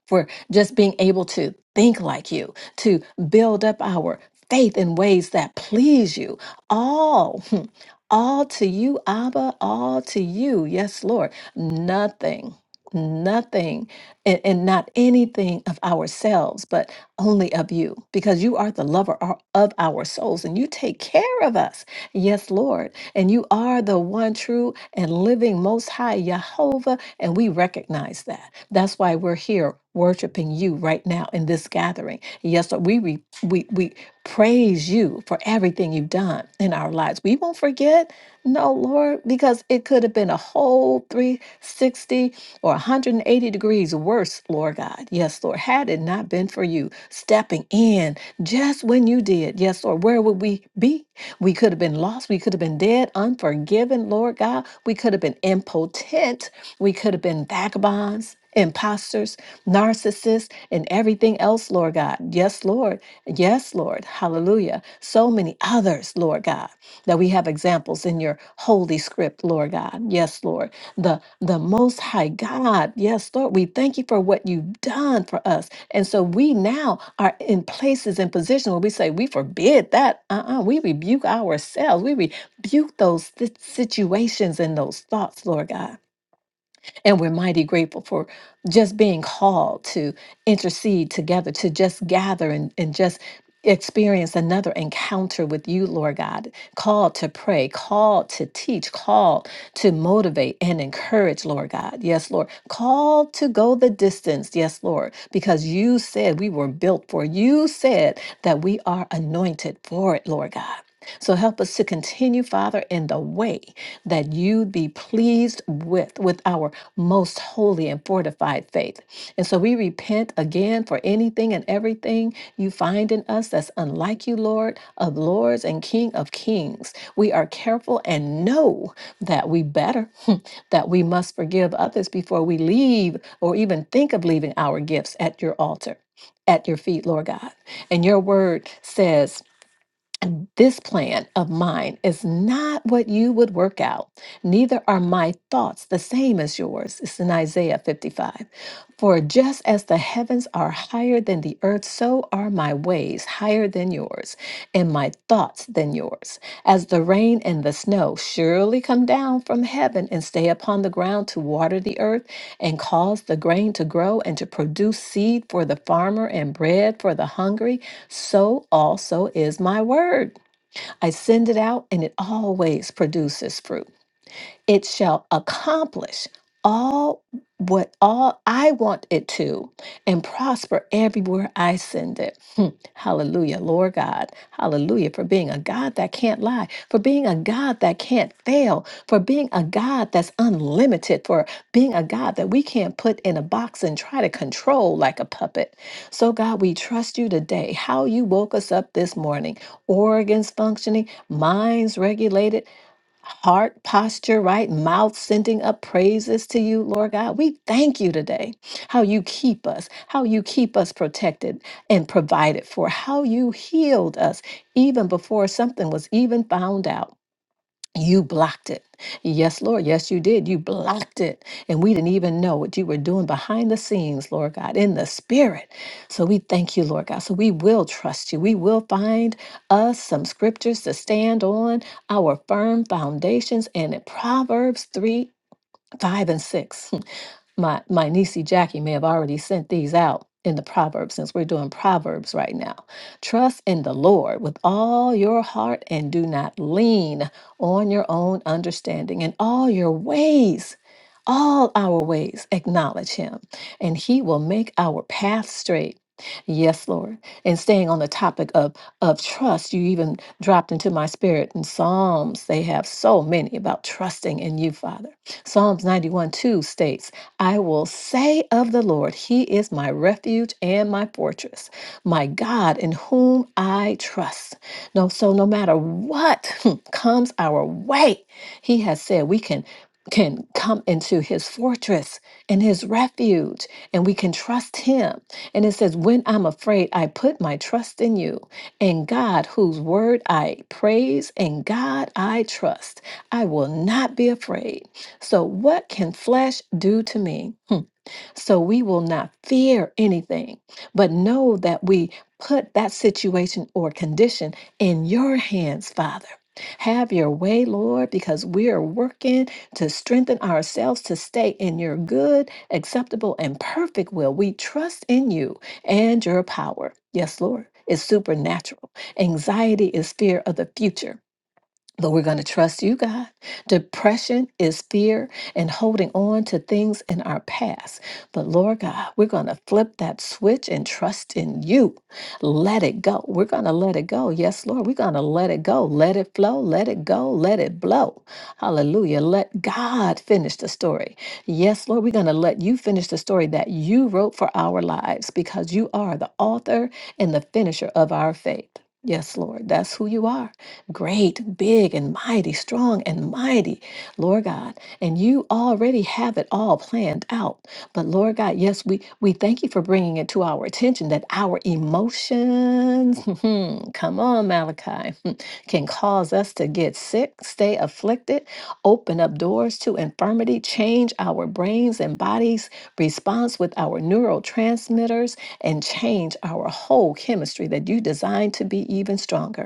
Speaker 7: for just being able to think like you, to build up our faith in ways that please you. All, hmm, all to you, Abba, all to you. Yes, Lord. Nothing, nothing, and, and not anything of ourselves, but only of you, because you are the lover o- of our souls and you take care of us. Yes, Lord. And you are the one true and living, most high Jehovah and we recognize that. That's why we're here worshiping you right now in this gathering. Yes, Lord, we, re- we, we praise you for everything you've done in our lives. We won't forget, no, Lord, because it could have been a whole 360 or 180 degrees worse, Lord God. Yes, Lord, had it not been for you stepping in just when you did, yes, Lord, where would we be? We could have been lost. We could have been dead, unforgiven, Lord God. We could have been impotent. We could have been vagabonds imposters, narcissists, and everything else, Lord God. Yes, Lord. Yes, Lord. Hallelujah. So many others, Lord God, that we have examples in your holy script, Lord God. Yes, Lord. The the most high God. Yes, Lord. We thank you for what you've done for us. And so we now are in places and positions where we say, we forbid that. Uh-uh. We rebuke ourselves. We rebuke those si- situations and those thoughts, Lord God. And we're mighty grateful for just being called to intercede together, to just gather and, and just experience another encounter with you, Lord God. Called to pray, called to teach, called to motivate and encourage, Lord God. Yes, Lord. Called to go the distance. Yes, Lord. Because you said we were built for. You said that we are anointed for it, Lord God. So help us to continue, Father, in the way that you be pleased with with our most holy and fortified faith. And so we repent again for anything and everything you find in us that's unlike you, Lord of lords and King of kings. We are careful and know that we better that we must forgive others before we leave or even think of leaving our gifts at your altar. At your feet, Lord God. And your word says this plan of mine is not what you would work out, neither are my thoughts the same as yours. It's in Isaiah 55. For just as the heavens are higher than the earth, so are my ways higher than yours, and my thoughts than yours. As the rain and the snow surely come down from heaven and stay upon the ground to water the earth and cause the grain to grow and to produce seed for the farmer and bread for the hungry, so also is my word. I send it out and it always produces fruit it shall accomplish all what all I want it to and prosper everywhere I send it. Hmm. Hallelujah, Lord God. Hallelujah for being a God that can't lie, for being a God that can't fail, for being a God that's unlimited, for being a God that we can't put in a box and try to control like a puppet. So, God, we trust you today, how you woke us up this morning, organs functioning, minds regulated heart posture, right? Mouth sending up praises to you, Lord God. We thank you today how you keep us, how you keep us protected and provided for, how you healed us even before something was even found out. You blocked it. Yes, Lord. Yes, you did. You blocked it. And we didn't even know what you were doing behind the scenes, Lord God, in the spirit. So we thank you, Lord God. So we will trust you. We will find us some scriptures to stand on, our firm foundations, and in Proverbs 3 5 and 6. my my niecey Jackie may have already sent these out in the proverbs since we're doing proverbs right now. Trust in the Lord with all your heart and do not lean on your own understanding in all your ways. All our ways acknowledge him and he will make our path straight. Yes, Lord. And staying on the topic of of trust, you even dropped into my spirit in Psalms. They have so many about trusting in you, Father. Psalms 91 2 states I will say of the Lord, He is my refuge and my fortress, my God in whom I trust. No, so no matter what comes our way, He has said we can can come into his fortress and his refuge and we can trust him and it says when i'm afraid i put my trust in you and god whose word i praise and god i trust i will not be afraid so, what can flesh do to me? Hmm. So, we will not fear anything, but know that we put that situation or condition in your hands, Father. Have your way, Lord, because we are working to strengthen ourselves to stay in your good, acceptable, and perfect will. We trust in you and your power. Yes, Lord, it's supernatural. Anxiety is fear of the future. But we're going to trust you, God. Depression is fear and holding on to things in our past. But Lord God, we're going to flip that switch and trust in you. Let it go. We're going to let it go. Yes, Lord, we're going to let it go. Let it flow. Let it go. Let it blow. Hallelujah. Let God finish the story. Yes, Lord, we're going to let you finish the story that you wrote for our lives because you are the author and the finisher of our faith. Yes, Lord, that's who you are great, big, and mighty, strong and mighty, Lord God. And you already have it all planned out. But Lord God, yes, we, we thank you for bringing it to our attention that our emotions, come on, Malachi, can cause us to get sick, stay afflicted, open up doors to infirmity, change our brains and bodies' response with our neurotransmitters, and change our whole chemistry that you designed to be even stronger.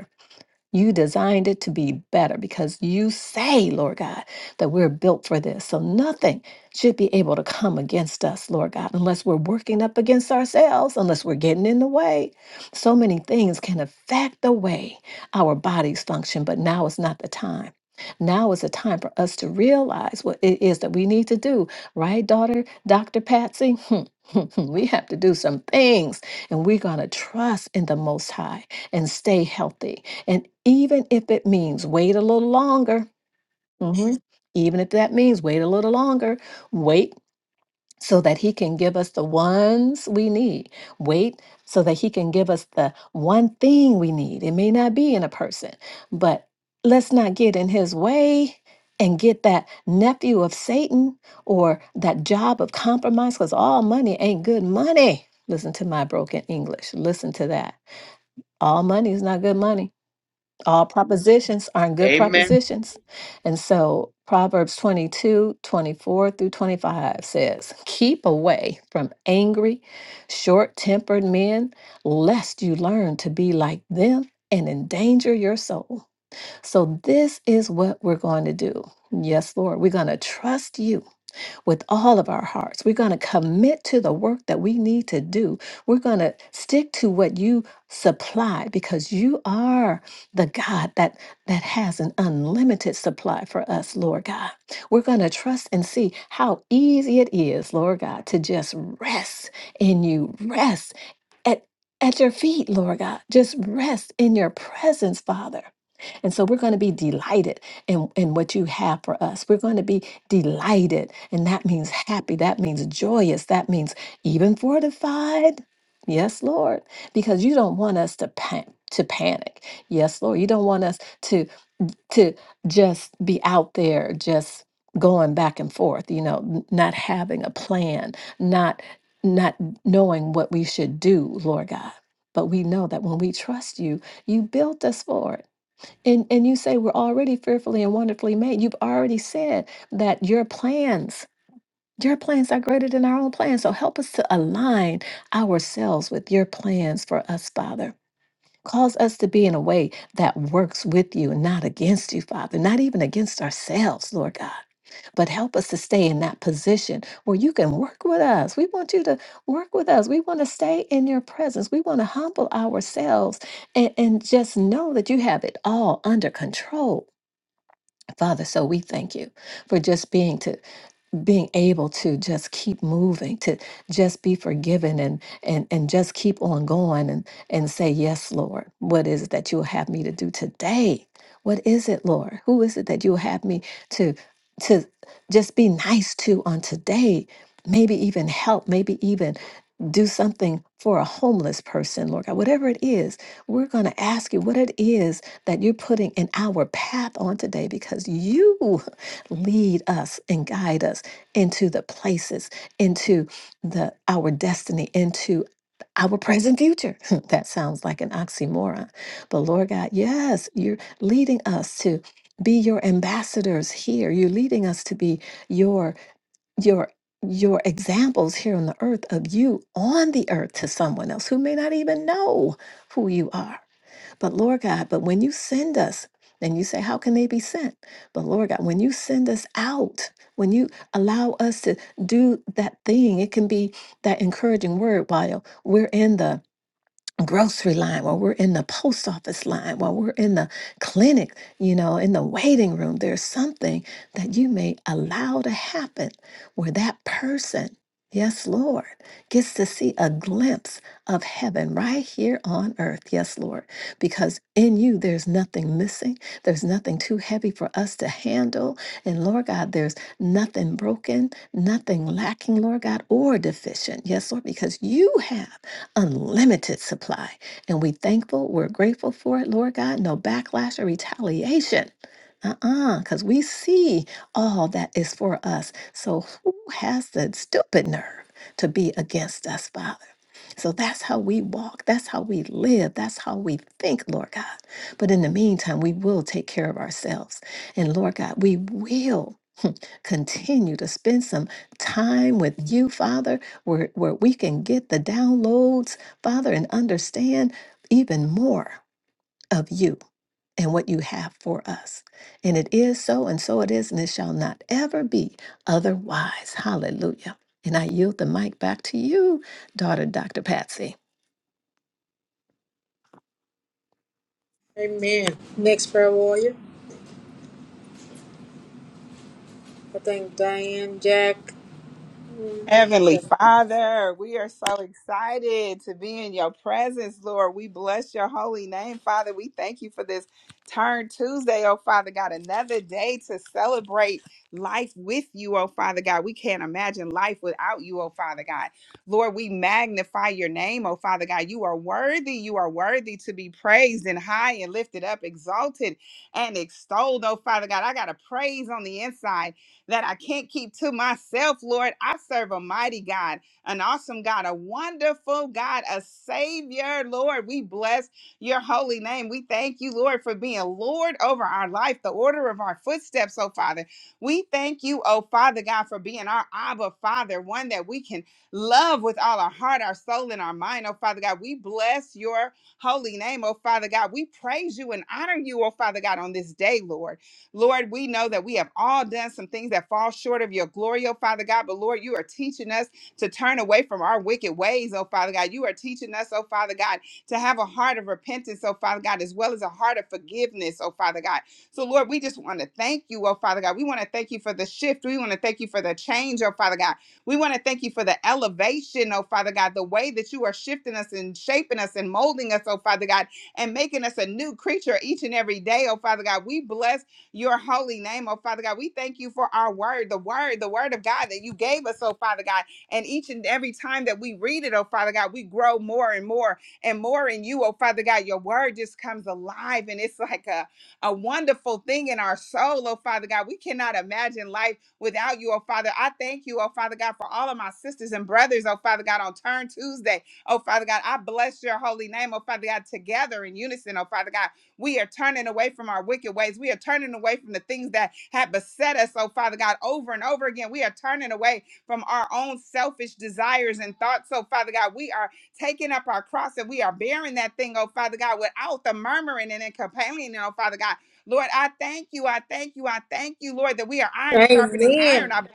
Speaker 7: You designed it to be better because you say, Lord God, that we're built for this. So nothing should be able to come against us, Lord God, unless we're working up against ourselves, unless we're getting in the way. So many things can affect the way our bodies function, but now is not the time. Now is the time for us to realize what it is that we need to do, right, daughter, Dr. Patsy? Hmm, hmm, hmm. we have to do some things, and we're going to trust in the Most High and stay healthy. And even if it means wait a little longer, mhm, even if that means wait a little longer, wait so that He can give us the ones we need. Wait so that He can give us the one thing we need. It may not be in a person, but let's not get in His way and get that nephew of Satan or that job of compromise because all money ain't good money. Listen to my broken English. Listen to that. All money is not good money all propositions aren't good
Speaker 5: Amen.
Speaker 7: propositions. And so Proverbs 22, 24 through 25 says, Keep away from angry, short tempered men, lest you learn to be like them and endanger your soul. So, this is what we're going to do. Yes, Lord, we're going to trust you with all of our hearts. We're going to commit to the work that we need to do. We're going to stick to what you supply because you are the God that that has an unlimited supply for us, Lord God. We're going to trust and see how easy it is, Lord God, to just rest in you, rest at, at your feet, Lord God. Just rest in your presence, Father. And so we're going to be delighted in, in what you have for us. We're going to be delighted. And that means happy. That means joyous. That means even fortified. Yes, Lord. Because you don't want us to pan To panic. Yes, Lord. You don't want us to to just be out there just going back and forth you know n- not having a plan not not knowing what we should do lord god but we know that when we trust you you built us for it and and you say we're already fearfully and wonderfully made you've already said that your plans your plans are greater than our own plans so help us to align ourselves with your plans for us father Cause us to be in a way that works with you and not against you, Father, not even against ourselves, Lord God. But help us to stay in that position where you can work with us. We want you to work with us. We want to stay in your presence. We want to humble ourselves and, and just know that you have it all under control. Father, so we thank you for just being to being able to just keep moving to just be forgiven and and and just keep on going and and say yes lord what is it that you'll have me to do today what is it lord who is it that you'll have me to to just be nice to on today maybe even help maybe even do something for a homeless person, Lord God. Whatever it is, we're going to ask you what it is that you're putting in our path on today because you lead us and guide us into the places, into the our destiny, into our present future. that sounds like an oxymoron. But Lord God, yes, you're leading us to be your ambassadors here. You're leading us to be your your your examples here on the earth of you on the earth to someone else who may not even know who you are. But Lord God, but when you send us, and you say, How can they be sent? But Lord God, when you send us out, when you allow us to do that thing, it can be that encouraging word while we're in the grocery line, while we're in the post office line, while we're in the clinic, you know, in the waiting room, there's something that you may allow to happen where that person, yes, Lord, gets to see a glimpse of heaven right here on earth, yes, Lord, because in you there's nothing missing, there's nothing too heavy for us to handle. And Lord God, there's nothing broken nothing lacking, Lord God, or deficient. Yes, Lord, because you have unlimited supply. And we thankful, we're grateful for it, Lord God. No backlash or retaliation. Uh-uh, because we see all that is for us. So who has the stupid nerve to be against us, Father? So that's how we walk. That's how we live. That's how we think, Lord God. But in the meantime, we will take care of ourselves. And Lord God, we will continue to spend some time with you, Father, where, where we can get the downloads, Father, and understand even more of you and what you have for us. And it is so, and so it is, and it shall not ever be otherwise. Hallelujah. And I yield the mic back to you, daughter Dr. Patsy.
Speaker 4: Amen. Next prayer warrior. I thank Diane, Jack.
Speaker 6: Heavenly Father, we are so excited to be in your presence, Lord. We bless your holy name, Father. We thank you for this Turn Tuesday, oh Father God, another day to celebrate life with you, oh Father God. We can't imagine life without you, oh Father God. Lord, we magnify your name, oh Father God. You are worthy. You are worthy to be praised and high and lifted up, exalted and extolled, oh Father God. I got a praise on the inside that I can't keep to myself, Lord. I serve a mighty God, an awesome God, a wonderful God, a Savior, Lord. We bless your holy name. We thank you, Lord, for being Lord over our life, the order of our footsteps, oh Father. We thank you, oh Father God, for being our Abba Father, one that we can love with all our heart, our soul, and our mind, oh Father God. We bless your holy name, oh Father God. We praise you and honor you, oh Father God, on this day, Lord. Lord, we know that we have all done some things that fall short of your glory, oh Father God. But Lord, you are teaching us to turn away from our wicked ways, oh Father God. You are teaching us, oh Father God, to have a heart of repentance, oh Father God, as well as a heart of forgiveness, oh Father God. So, Lord, we just want to thank you, oh Father God. We want to thank you for the shift. We want to thank you for the change, oh Father God. We want to thank you for the elevation, oh Father God, the way that you are shifting us and shaping us and molding us, oh Father God, and making us a new creature each and every day, oh Father God. We bless your holy name, oh Father God. We thank you for our word, the word, the word of God that you gave us, oh Father God. And each and every time that we read it, oh Father God, we grow more and more and more in you, oh Father God. Your word just comes alive and it's like a, a wonderful thing in our soul, oh Father God. We cannot imagine life without you, oh Father. I thank you, oh Father God, for all of my sisters and brothers, oh Father God, on Turn Tuesday. Oh Father God, I bless your holy name, oh Father God, together in unison, oh Father God. We are turning away from our wicked ways. We are turning away from the things that have beset us, oh Father God, over and over again. We are turning away from our own selfish desires and thoughts, oh Father God. We are taking up our cross and we are bearing that thing, oh Father God, without the murmuring and the complaining, oh Father God. Lord, I thank you. I thank you. I thank you, Lord, that we are iron sharpening
Speaker 4: Amen.
Speaker 6: iron. I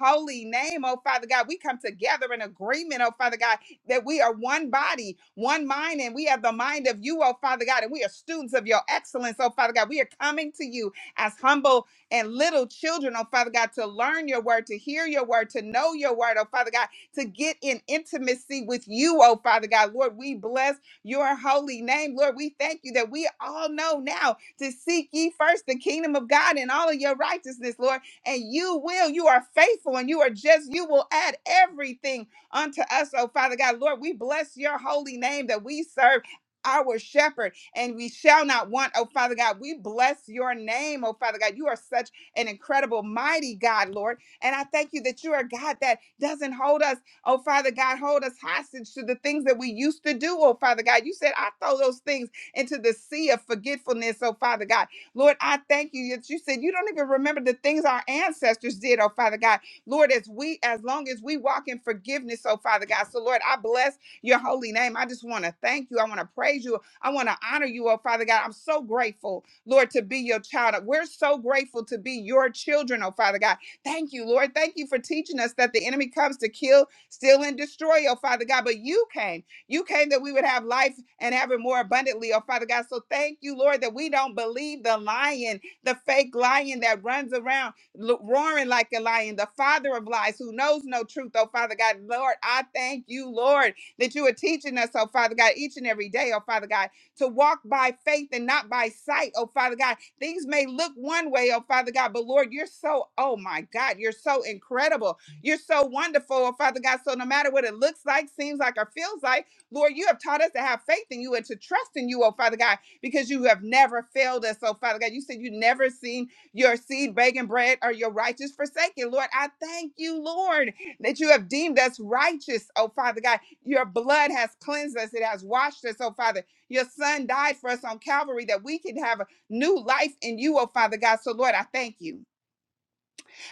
Speaker 6: holy name, oh Father God. We come together in agreement, oh Father God, that we are one body, one mind, and we have the mind of you, oh Father God, and we are students of your excellence, oh Father God. We are coming to you as humble and little children, oh Father God, to learn your word, to hear your word, to know your word, oh Father God, to get in intimacy with you, oh Father God. Lord, we bless your holy name. Lord, we thank you that we all know now to seek ye first the kingdom of God and all of your righteousness, Lord and you will. You are faithful and you are just. You will add everything unto us, oh Father God. Lord, we bless your holy name that we serve. Our shepherd, and we shall not want, oh Father God. We bless your name, oh Father God. You are such an incredible, mighty God, Lord. And I thank you that you are a God that doesn't hold us, oh Father God, hold us hostage to the things that we used to do, oh Father God. You said, I throw those things into the sea of forgetfulness, oh Father God. Lord, I thank you that you said you don't even remember the things our ancestors did, oh Father God. Lord, as we, as long as we walk in forgiveness, oh Father God. So, Lord, I bless your holy name. I just want to thank you. I want to praise you. I want to honor you, oh Father God. I'm so grateful, Lord, to be your child. We're so grateful to be your children, oh Father God. Thank you, Lord. Thank you for teaching us that the enemy comes to kill, steal, and destroy, oh Father God. But you came. You came that we would have life and have it more abundantly, oh Father God. So thank you, Lord, that we don't believe the lion, the fake lion that runs around lo- roaring like a lion, the father of lies who knows no truth, oh Father God. Lord, I thank you, Lord, that you are teaching us, oh Father God, each and every day, oh Father God, to walk by faith and not by sight, oh Father God. Things may look one way, oh Father God, but Lord, you're so, oh my God, you're so incredible. You're so wonderful, oh Father God. So no matter what it looks like, seems like, or feels like, Lord, you have taught us to have faith in you and to trust in you, oh Father God, because you have never failed us, oh Father God. You said you never seen your seed begging bread or your righteous forsaken. Lord, I thank you, Lord, that you have deemed us righteous, oh Father God. Your blood has cleansed us, it has washed us, oh Father. Your son died for us on Calvary that we can have a new life in you, oh Father God. So, Lord, I thank you.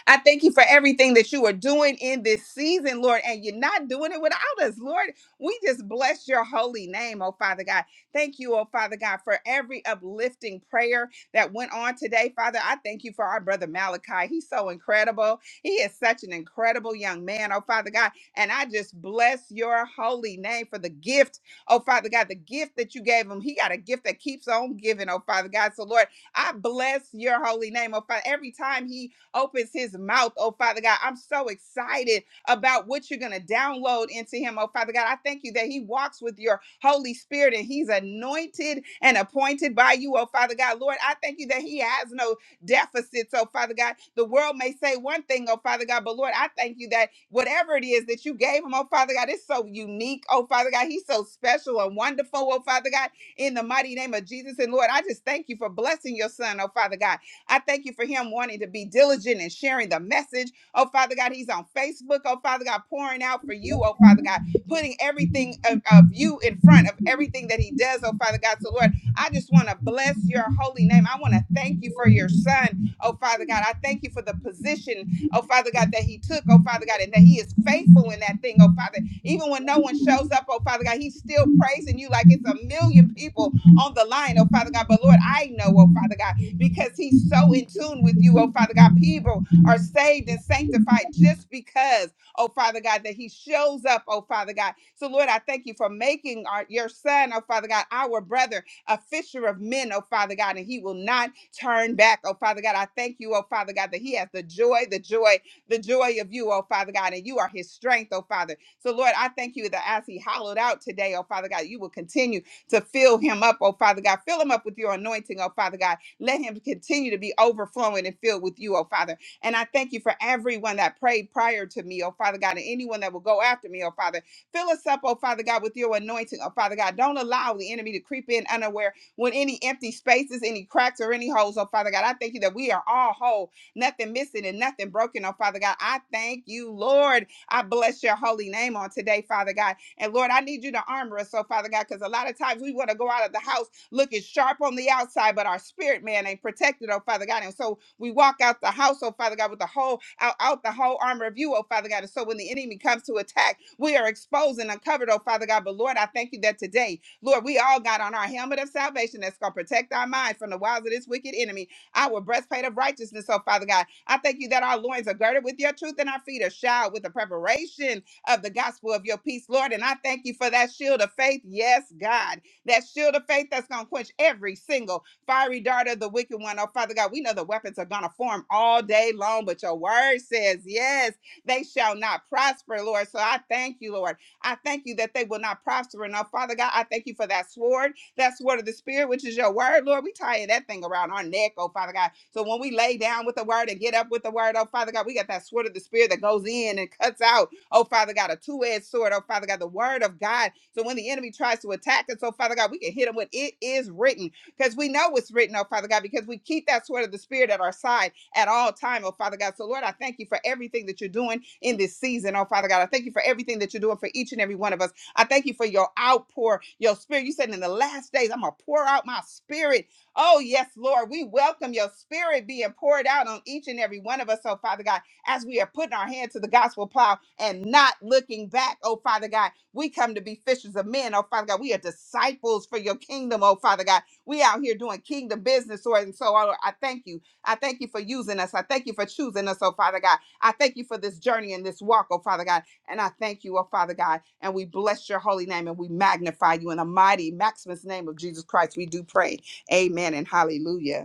Speaker 6: I thank you for everything that you are doing in this season, Lord, and you're not doing it without us, Lord. We just bless your holy name, oh Father God. Thank you, oh Father God, for every uplifting prayer that went on today, Father. I thank you for our brother Malachi. He's so incredible. He is such an incredible young man, oh Father God. And I just bless your holy name for the gift, oh Father God, the gift that you gave him. He got a gift that keeps on giving, oh Father God. So, Lord, I bless your holy name, oh Father. Every time he opens his mouth, oh Father God. I'm so excited about what you're going to download into him, oh Father God. I thank you that he walks with your Holy Spirit and he's anointed and appointed by you, oh Father God. Lord, I thank you that he has no deficits, oh Father God. The world may say one thing, oh Father God, but Lord, I thank you that whatever it is that you gave him, oh Father God, it's so unique, oh Father God. He's so special and wonderful, oh Father God, in the mighty name of Jesus. And Lord, I just thank you for blessing your son, oh Father God. I thank you for him wanting to be diligent and sharing the message. Oh, Father God, he's on Facebook. Oh, Father God, pouring out for you. Oh, Father God, putting everything of, of you in front of everything that he does. Oh, Father God. So, Lord, I just want to bless your holy name. I want to thank you for your son. Oh, Father God. I thank you for the position, oh, Father God, that he took. Oh, Father God, and that he is faithful in that thing. Oh, Father. Even when no one shows up, oh, Father God, he's still praising you like it's a million people on the line. Oh, Father God. But, Lord, I know, oh, Father God because he's so in tune with you, oh Father God. People are saved and sanctified just because, oh Father God, that he shows up, oh Father God. So, Lord, I thank you for making our, your son, oh Father God, our brother, a fisher of men, oh Father God, and he will not turn back, oh Father God. I thank you, oh Father God, that he has the joy, the joy, the joy of you, oh Father God, and you are his strength, oh Father. So, Lord, I thank you that as he hollowed out today, oh Father God, you will continue to fill him up, oh Father God. Fill him up with your anointing, oh Father God let him continue to be overflowing and filled with you, oh Father. And I thank you for everyone that prayed prior to me, oh Father God, and anyone that will go after me, oh Father. Fill us up, oh Father God, with your anointing, oh Father God. Don't allow the enemy to creep in unaware with any empty spaces, any cracks, or any holes, oh Father God. I thank you that we are all whole, nothing missing and nothing broken, oh Father God. I thank you, Lord. I bless your holy name on today, Father God. And Lord, I need you to armor us, oh Father God, because a lot of times we want to go out of the house looking sharp on the outside, but our spirit man ain't protected, oh Father God. And so we walk out the house, oh Father God, with the whole out, out the whole armor of you, oh Father God. And so when the enemy comes to attack, we are exposed and uncovered, oh Father God. But Lord, I thank you that today, Lord, we all got on our helmet of salvation that's gonna protect our mind from the wiles of this wicked enemy. Our breastplate of righteousness, oh Father God. I thank you that our loins are girded with your truth and our feet are shod with the preparation of the gospel of your peace, Lord. And I thank you for that shield of faith. Yes, God that shield of faith that's going to quench every single fiery dart of the wicked one. Oh, Father God, we know the weapons are going to form all day long, but your word says, yes, they shall not prosper, Lord. So I thank you, Lord. I thank you that they will not prosper. And oh, Father God, I thank you for that sword, that sword of the Spirit, which is your word, Lord. We tie that thing around our neck, oh, Father God. So when we lay down with the word and get up with the word, oh, Father God, we got that sword of the Spirit that goes in and cuts out oh Father God, a two-edged sword, oh Father God, the word of God. So when the enemy tries to attack us, oh Father God, we can hit him with it is written. Because we know it's written, oh Father God, because we keep that sword of the spirit at our side at all time, oh Father God. So Lord, I thank you for everything that you're doing in this season, oh Father God. I thank you for everything that you're doing for each and every one of us. I thank you for your outpour, your spirit. You said in the last days, I'm gonna pour out my spirit. Oh, yes, Lord, we welcome your spirit being poured out on each and every one of us, oh Father God as we are putting our hand to the gospel plow and not looking back, oh Father God. We come to be fishers of men, oh Father God. We are disciples for your kingdom, oh Father God. We out here doing kingdom business, Lord. And so Lord, I thank you. I thank you for using us. I thank you for choosing us, oh Father God. I thank you for this journey and this walk, oh Father God. And I thank you, oh Father God. And we bless your holy name and we magnify you in the mighty, maximus name of Jesus Christ. We do pray. Amen and hallelujah.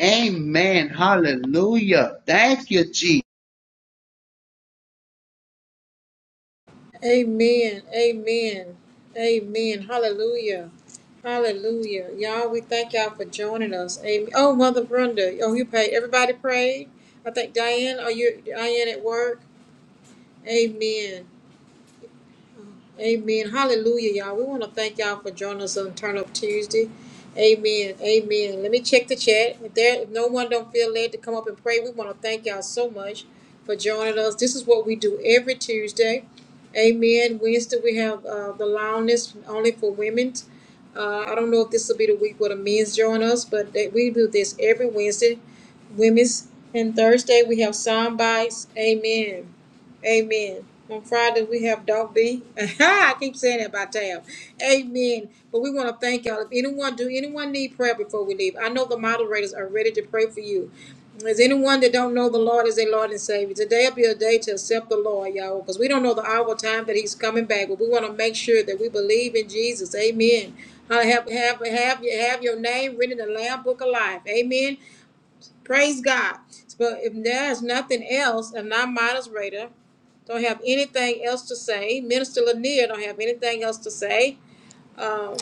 Speaker 5: Amen. Hallelujah. Thank you, Jesus.
Speaker 4: Amen. Amen. Amen. Hallelujah. Hallelujah. Y'all, we thank y'all for joining us. Amen. Oh, Mother Brenda. Oh, you pray. Everybody prayed. I think Diane, are you Diane at work? Amen. Amen. Hallelujah, y'all. We want to thank y'all for joining us on Turn Up Tuesday. Amen. Amen. Let me check the chat. If there if no one don't feel led to come up and pray, we want to thank y'all so much for joining us. This is what we do every Tuesday. Amen. Wednesday we have uh, the loudness only for women. Uh, I don't know if this will be the week where the men's join us, but they, we do this every Wednesday, women's. And Thursday we have sound bites. Amen. Amen. On Friday, we have Dog B. I keep saying that by tab. Amen. But we want to thank y'all. If anyone, do anyone need prayer before we leave? I know the moderators are ready to pray for you. Is anyone that don't know the Lord as their Lord and Savior? Today will be a day to accept the Lord, y'all, because we don't know the hour or time that He's coming back, but we want to make sure that we believe in Jesus. Amen. Uh, Have, have, have, your- have your name written in the Lamb Book of Life. Amen. Praise God. But if there's nothing else, and I'm moderator. Don't have anything else to say. Minister Lanier don't have anything else to say. Um,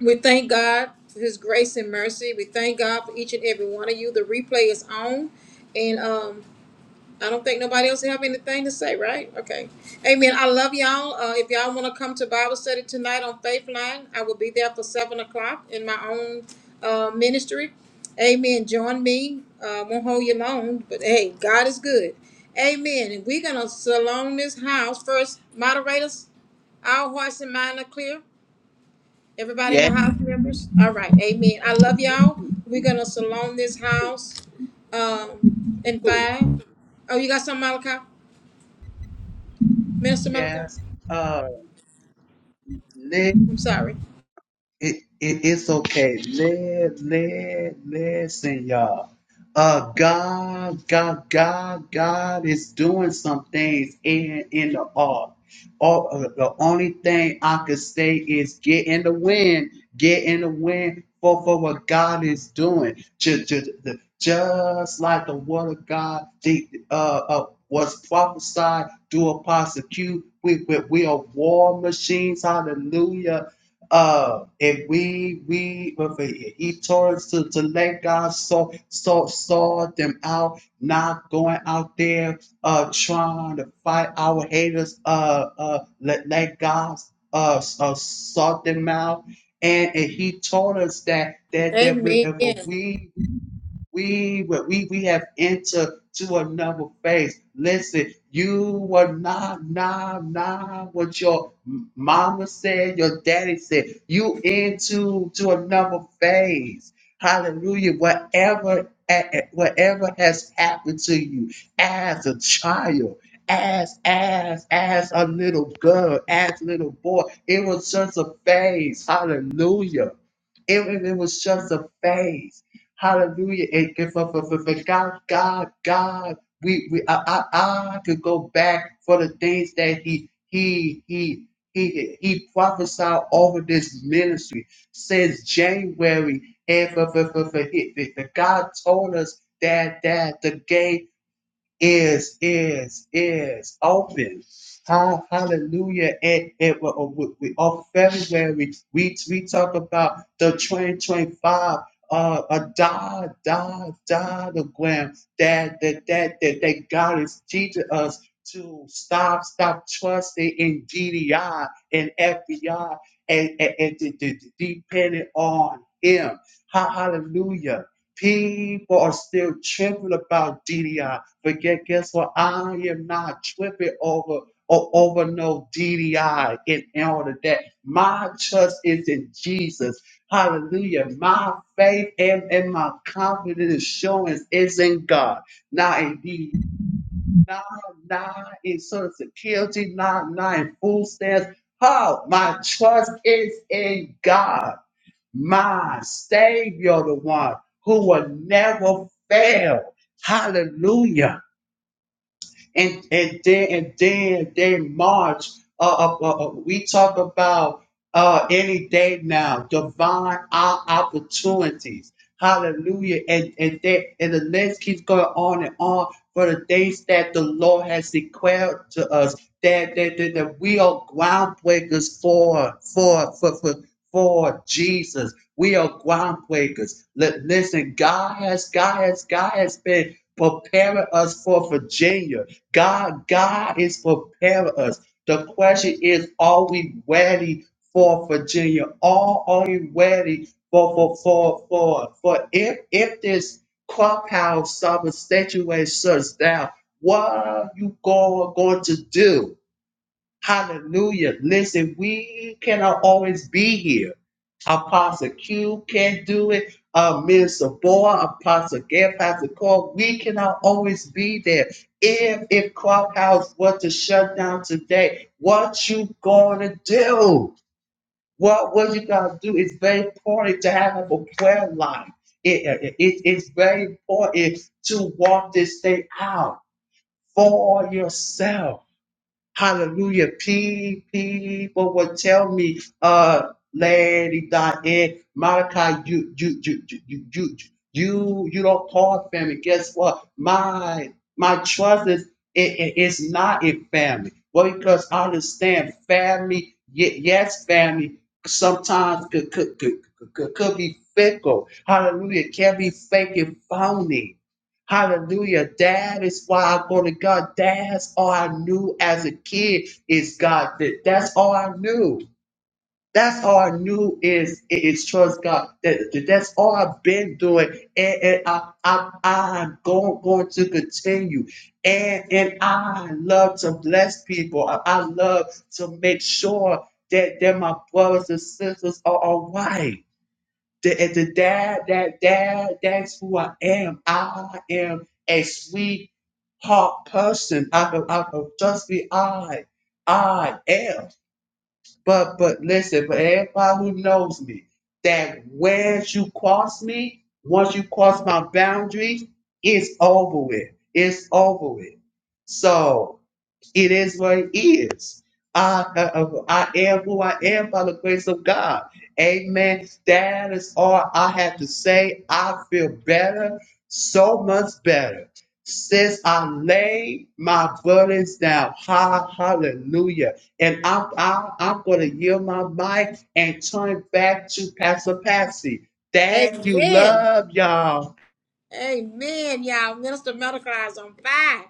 Speaker 4: we thank God for His grace and mercy. We thank God for each and every one of you. The replay is on, and um, I don't think nobody else have anything to say, right? Okay. Amen. I love y'all. Uh, if y'all want to come to Bible study tonight on Faithline, I will be there for 7 o'clock in my own uh, ministry. Amen. Join me. Uh, won't hold you long, but hey, God is good. Amen. And we're going to salon this house. First, moderators, our hearts and minds are clear. Everybody in
Speaker 5: Yeah.
Speaker 4: the house members? All right, amen. I love y'all. We're gonna salon this house um in five. Oh, you got some Malachi? Minister Malachi?
Speaker 5: Yes. Uh, Nick,
Speaker 4: I'm sorry.
Speaker 5: it, it it's okay. Let let listen, y'all. Uh, God, God, God, God is doing some things in in the art. All, uh, the only thing I could say is get in the wind, get in the wind for, for what God is doing. Just, just, just like the word of God the, uh, uh, was prophesied through Apostle Q, we, we, we are war machines. Hallelujah uh, and we we he told us to, to let God sort sort sort them out, not going out there uh trying to fight our haters. Uh, uh let let God uh, uh sort them out, and, and he told us that that that we,
Speaker 4: Amen.
Speaker 5: if we we were, we we have entered to another phase. Listen, you were not not not what your m- mama said, your daddy said. You into to another phase. Hallelujah. Whatever eh, eh, whatever has happened to you as a child, as as as a little girl, as a little boy, it was just a phase. Hallelujah. It, it it was just a phase. Hallelujah. It, it, for, for, for, for God, God, God, we, we, I, I, I could go back for the things that he, he, he, he, he prophesied over this ministry since January. And for, for, for, for, he- for- God told us that, that the game is is is open. Ha- Hallelujah! And, and we, uh, we, we- on February we we talk about the 2025 uh a die die diagram that that that that, that God is teaching us to stop stop trusting in GDI and FBI and and, and de- de- de- depending on Him. Ha- Hallelujah! People are still tripping about DDI, but get, guess what? I am not tripping over or over no DDI in order that my trust is in Jesus. Hallelujah. My faith and, and my confidence assurance is in God. Not in D, D I, not in social security, not, not in food stamps. How my trust is in God my Savior, the one who will never fail. Hallelujah. And and then and then they march uh, uh, uh, uh, we talk about uh, any day now, divine o- opportunities. Hallelujah. And and that and the list keeps going on and on for the things that the Lord has declared to us that that, that, that we are groundbreakers for for for for for Jesus. We are groundbreakers. Li- Listen, God has God has God has been preparing us for Virginia. God God is preparing us. The question is, are we ready for Virginia? Are are we ready for for for for for if if this clubhouse summer situation shuts down, what are you go, going to do? Hallelujah. Listen, we cannot always be here. Apostle Q can't do it. Uh, Minister Boy, Apostle Gary, Pastor Cole, we cannot always be there. If if Clubhouse was to shut down today, what you gonna do? What what you gotta do? It's very important to have a prayer life. It, it, it- it's very important to walk this thing out for yourself. Hallelujah. Pe- People would tell me, uh, Lady Diane, Monica, you, you, you, you, you, you, you you don't call family. Guess what? My, my trust is, it, it- it's not in family. Well, because I understand family, ye- yes, family sometimes could, could, could, could, could be fickle. Hallelujah. It can be fake and phony. Hallelujah. That is why, I go to God, that's all I knew as a kid is God. That, that's all I knew. That's all I knew is is trust God. That, that- that's all I've been doing, and, and I, I I'm going going to continue. And and I love to bless people. I, I love to make sure that that my brothers and sisters are all right. The, the dad, that dad, that's who I am. I am a sweetheart person. I can, I can just be I. I am. But but listen, for everybody who knows me, that once you cross me, once you cross my boundaries, it's over with. It's over with. So it is what it is. I, I, I am who I am by the grace of God. Amen. That is all I have to say. I feel better, so much better. Since I laid my burdens down, ha, hallelujah. And I, I, I'm going to yield my mic and turn back to Pastor Patsy. Thank you.
Speaker 4: Amen.
Speaker 5: Love y'all.
Speaker 4: Amen, y'all. Minister Malachi is on fire.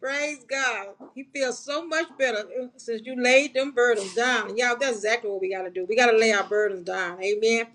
Speaker 4: Praise God. He feels so much better uh, since you laid them burdens down. And Y'all, that's exactly what we got to do. We got to lay our burdens down. Amen.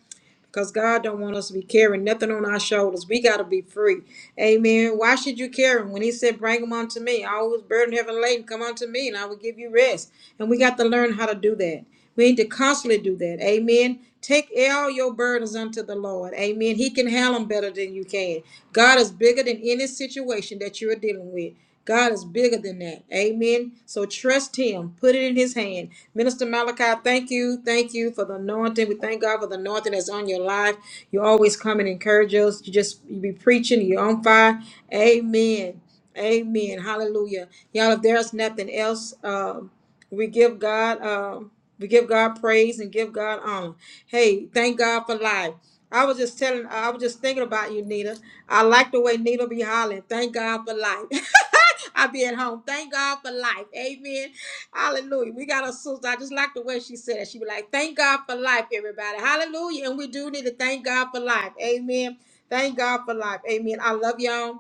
Speaker 4: Because God don't want us to be carrying nothing on our shoulders. We got to be free. Amen. Why should you carry them? When he said, bring them unto me. I always burden heaven laden. Come unto me and I will give you rest. And we got to learn how to do that. We need to constantly do that. Amen. Take all your burdens unto the Lord. Amen. He can handle them better than you can. God is bigger than any situation that you're dealing with. God is bigger than that. Amen. So trust him. Put it in his hand. Minister Malachi, thank you. Thank you for the anointing. We thank God for the anointing that's on your life. You always come and encourage us. You just you be preaching. You're on fire. Amen. Amen. Hallelujah. Y'all, if there's nothing else, um, we give God. Um, we give God praise and give God honor. Hey, thank God for life. I was just telling, I was just thinking about you, Nita. I like the way Nita be hollering. Thank God for life. I be at home. Thank God for life. Amen. Hallelujah. We got a sister. I just like the way she said it. She be like, thank God for life, everybody. Hallelujah. And we do need to thank God for life. Amen. Thank God for life. Amen. I love y'all.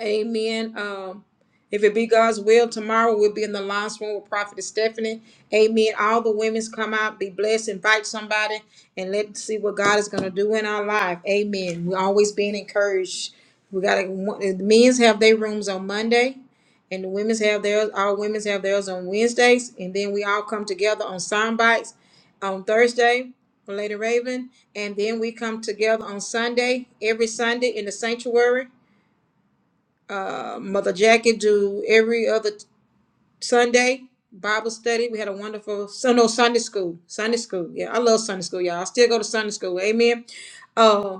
Speaker 4: Amen. Um, if it be God's will, tomorrow we'll be in the last room with Prophet Stephanie. Amen. All the women's come out, be blessed, invite somebody, and let's see what God is going to do in our life. Amen. We're always being encouraged. We got to, men's have their rooms on Monday, and the women's have theirs, all women's have theirs on Wednesdays, and then we all come together on sound bites on Thursday for Lady Raven, and then we come together on Sunday, every Sunday in the sanctuary uh, Mother Jackie do every other t- Sunday Bible study. We had a wonderful so no Sunday school. Sunday school. Yeah, I love Sunday school, y'all. I still go to Sunday school. Amen. Uh,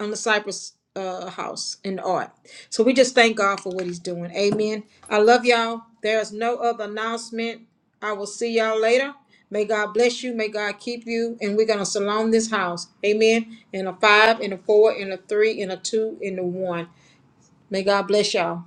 Speaker 4: on the Cypress uh, house in art. So we just thank God for what He's doing. Amen. I love y'all. There is no other announcement. I will see y'all later. May God bless you. May God keep you. And we're gonna salon this house. Amen. And a five, and a four, and a three, and a two, and a one. May God bless y'all.